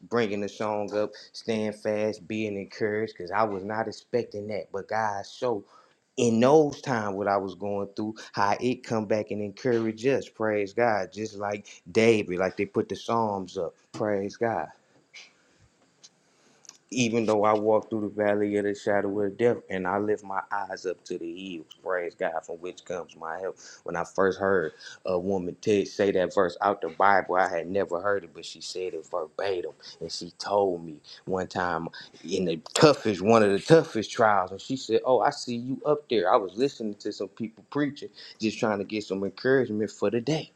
Speaker 8: bringing the song up, stand fast, being encouraged, because I was not expecting that. But God showed in those times what I was going through, how it come back and encourage us, praise God. Just like David, like they put the Psalms up, praise God. Even though I walk through the valley of the shadow of death, and I lift my eyes up to the hills, praise God, from which comes my help. When I first heard a woman Ted say that verse out the Bible, I had never heard it, but she said it verbatim, and she told me one time in the toughest, one of the toughest trials, and she said, "Oh, I see you up there." I was listening to some people preaching, just trying to get some encouragement for the day,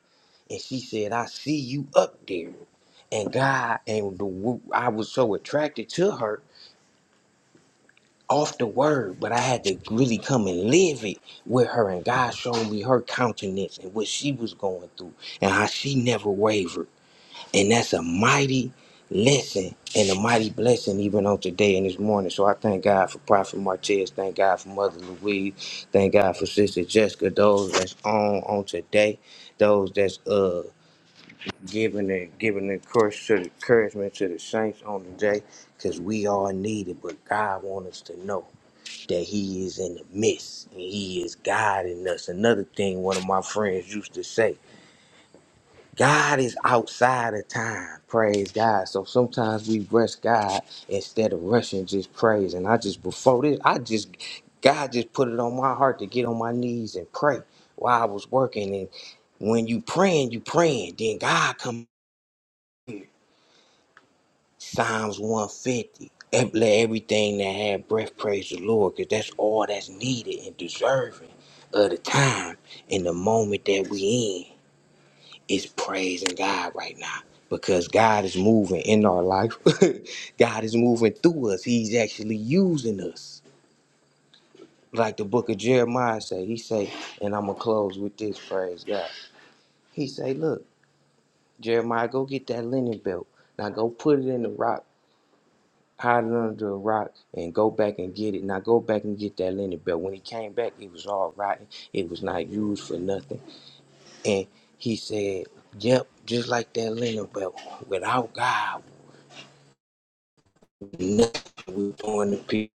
Speaker 8: and she said, "I see you up there." and God and the, I was so attracted to her off the word, but I had to really come and live it with her. And God showed me her countenance and what she was going through and how she never wavered. And that's a mighty lesson and a mighty blessing even on today and this morning. So I thank God for Prophet Martez. Thank God for Mother Louise. Thank God for Sister Jessica. Those that's on on today. Those that's uh giving the giving the courage to the encouragement to the saints on today. Cause we all need it, but God wants us to know that he is in the midst and he is guiding us. Another thing one of my friends used to say, God is outside of time. Praise God. So sometimes we rush God instead of rushing just praise. And I just before this, I just God just put it on my heart to get on my knees and pray while I was working. And when you praying, you praying. Then God come Psalms 150. Ev- Let everything that had breath praise the Lord, because that's all that's needed and deserving of the time and the moment that we in is praising God right now. Because God is moving in our life. God is moving through us. He's actually using us. Like the book of Jeremiah say, he say, and I'm gonna close with this phrase. God. He say, look, Jeremiah, go get that linen belt. Now go put it in the rock hide it under a rock and go back and get it. Now go back and get that linen belt. When he came back, it was all rotten. It was not used for nothing. And he said, Yep, just like that linen belt. Without God, nothing we're doing the pe-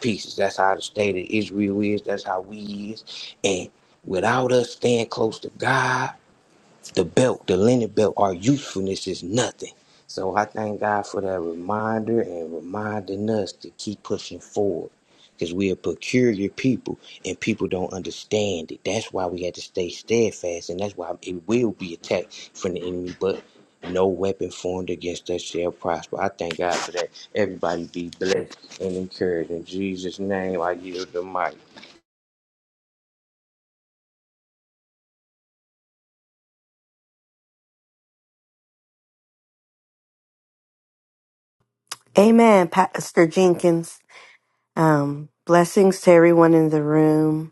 Speaker 8: pieces. That's how the state of Israel is. That's how we is. And without us staying close to God the belt, the linen belt, our usefulness is nothing. So I thank God for that reminder and reminding us to keep pushing forward. Because we are peculiar people and people don't understand it. That's why we had to stay steadfast and that's why it will be attacked from the enemy, but no weapon formed against us shall prosper. I thank God for that. Everybody be blessed and encouraged. In Jesus' name, I yield the mic.
Speaker 4: Amen, Pastor Jenkins. Um, blessings to everyone in the room.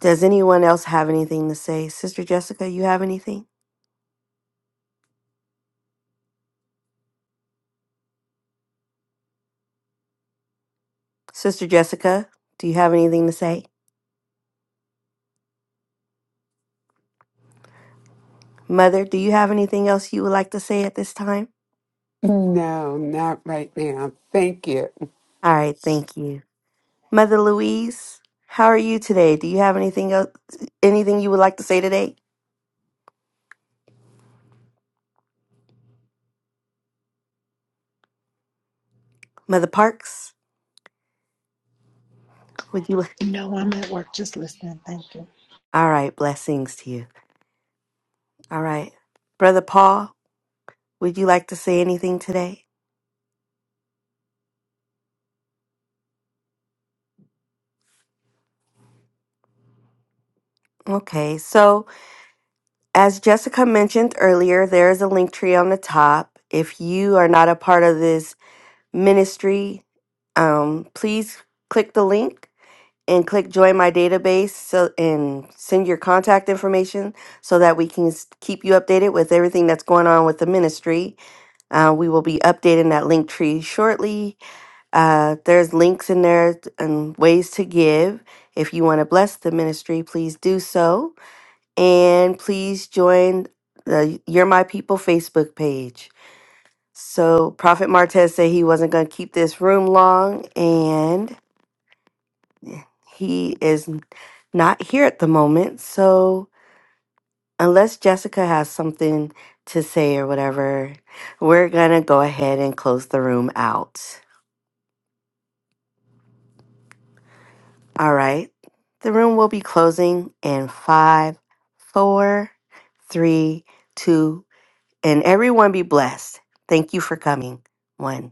Speaker 4: Does anyone else have anything to say? Sister Jessica, you have anything? Sister Jessica, do you have anything to say? Mother, do you have anything else you would like to say at this time?
Speaker 6: No, not right now. Thank you.
Speaker 4: All right, thank you. Mother Louise, how are you today? Do you have anything else anything you would like to say today? Mother Parks, would you
Speaker 9: No, I'm at work just listening. Thank you.
Speaker 4: All right, blessings to you. All right. Brother Paul, would you like to say anything today? Okay, so as Jessica mentioned earlier, there is a link tree on the top. If you are not a part of this ministry, um, please click the link and click join my database so and send your contact information so that we can s- keep you updated with everything that's going on with the ministry uh, we will be updating that link tree shortly uh, there's links in there t- and ways to give if you want to bless the ministry please do so and please join the you're my people facebook page so Prophet Martez said he wasn't going to keep this room long, and he is n- not here at the moment. So unless Jessica has something to say or whatever, we're going to go ahead and close the room out. All right. The room will be closing in five, four, three, two, and everyone be blessed. Thank you for coming. One.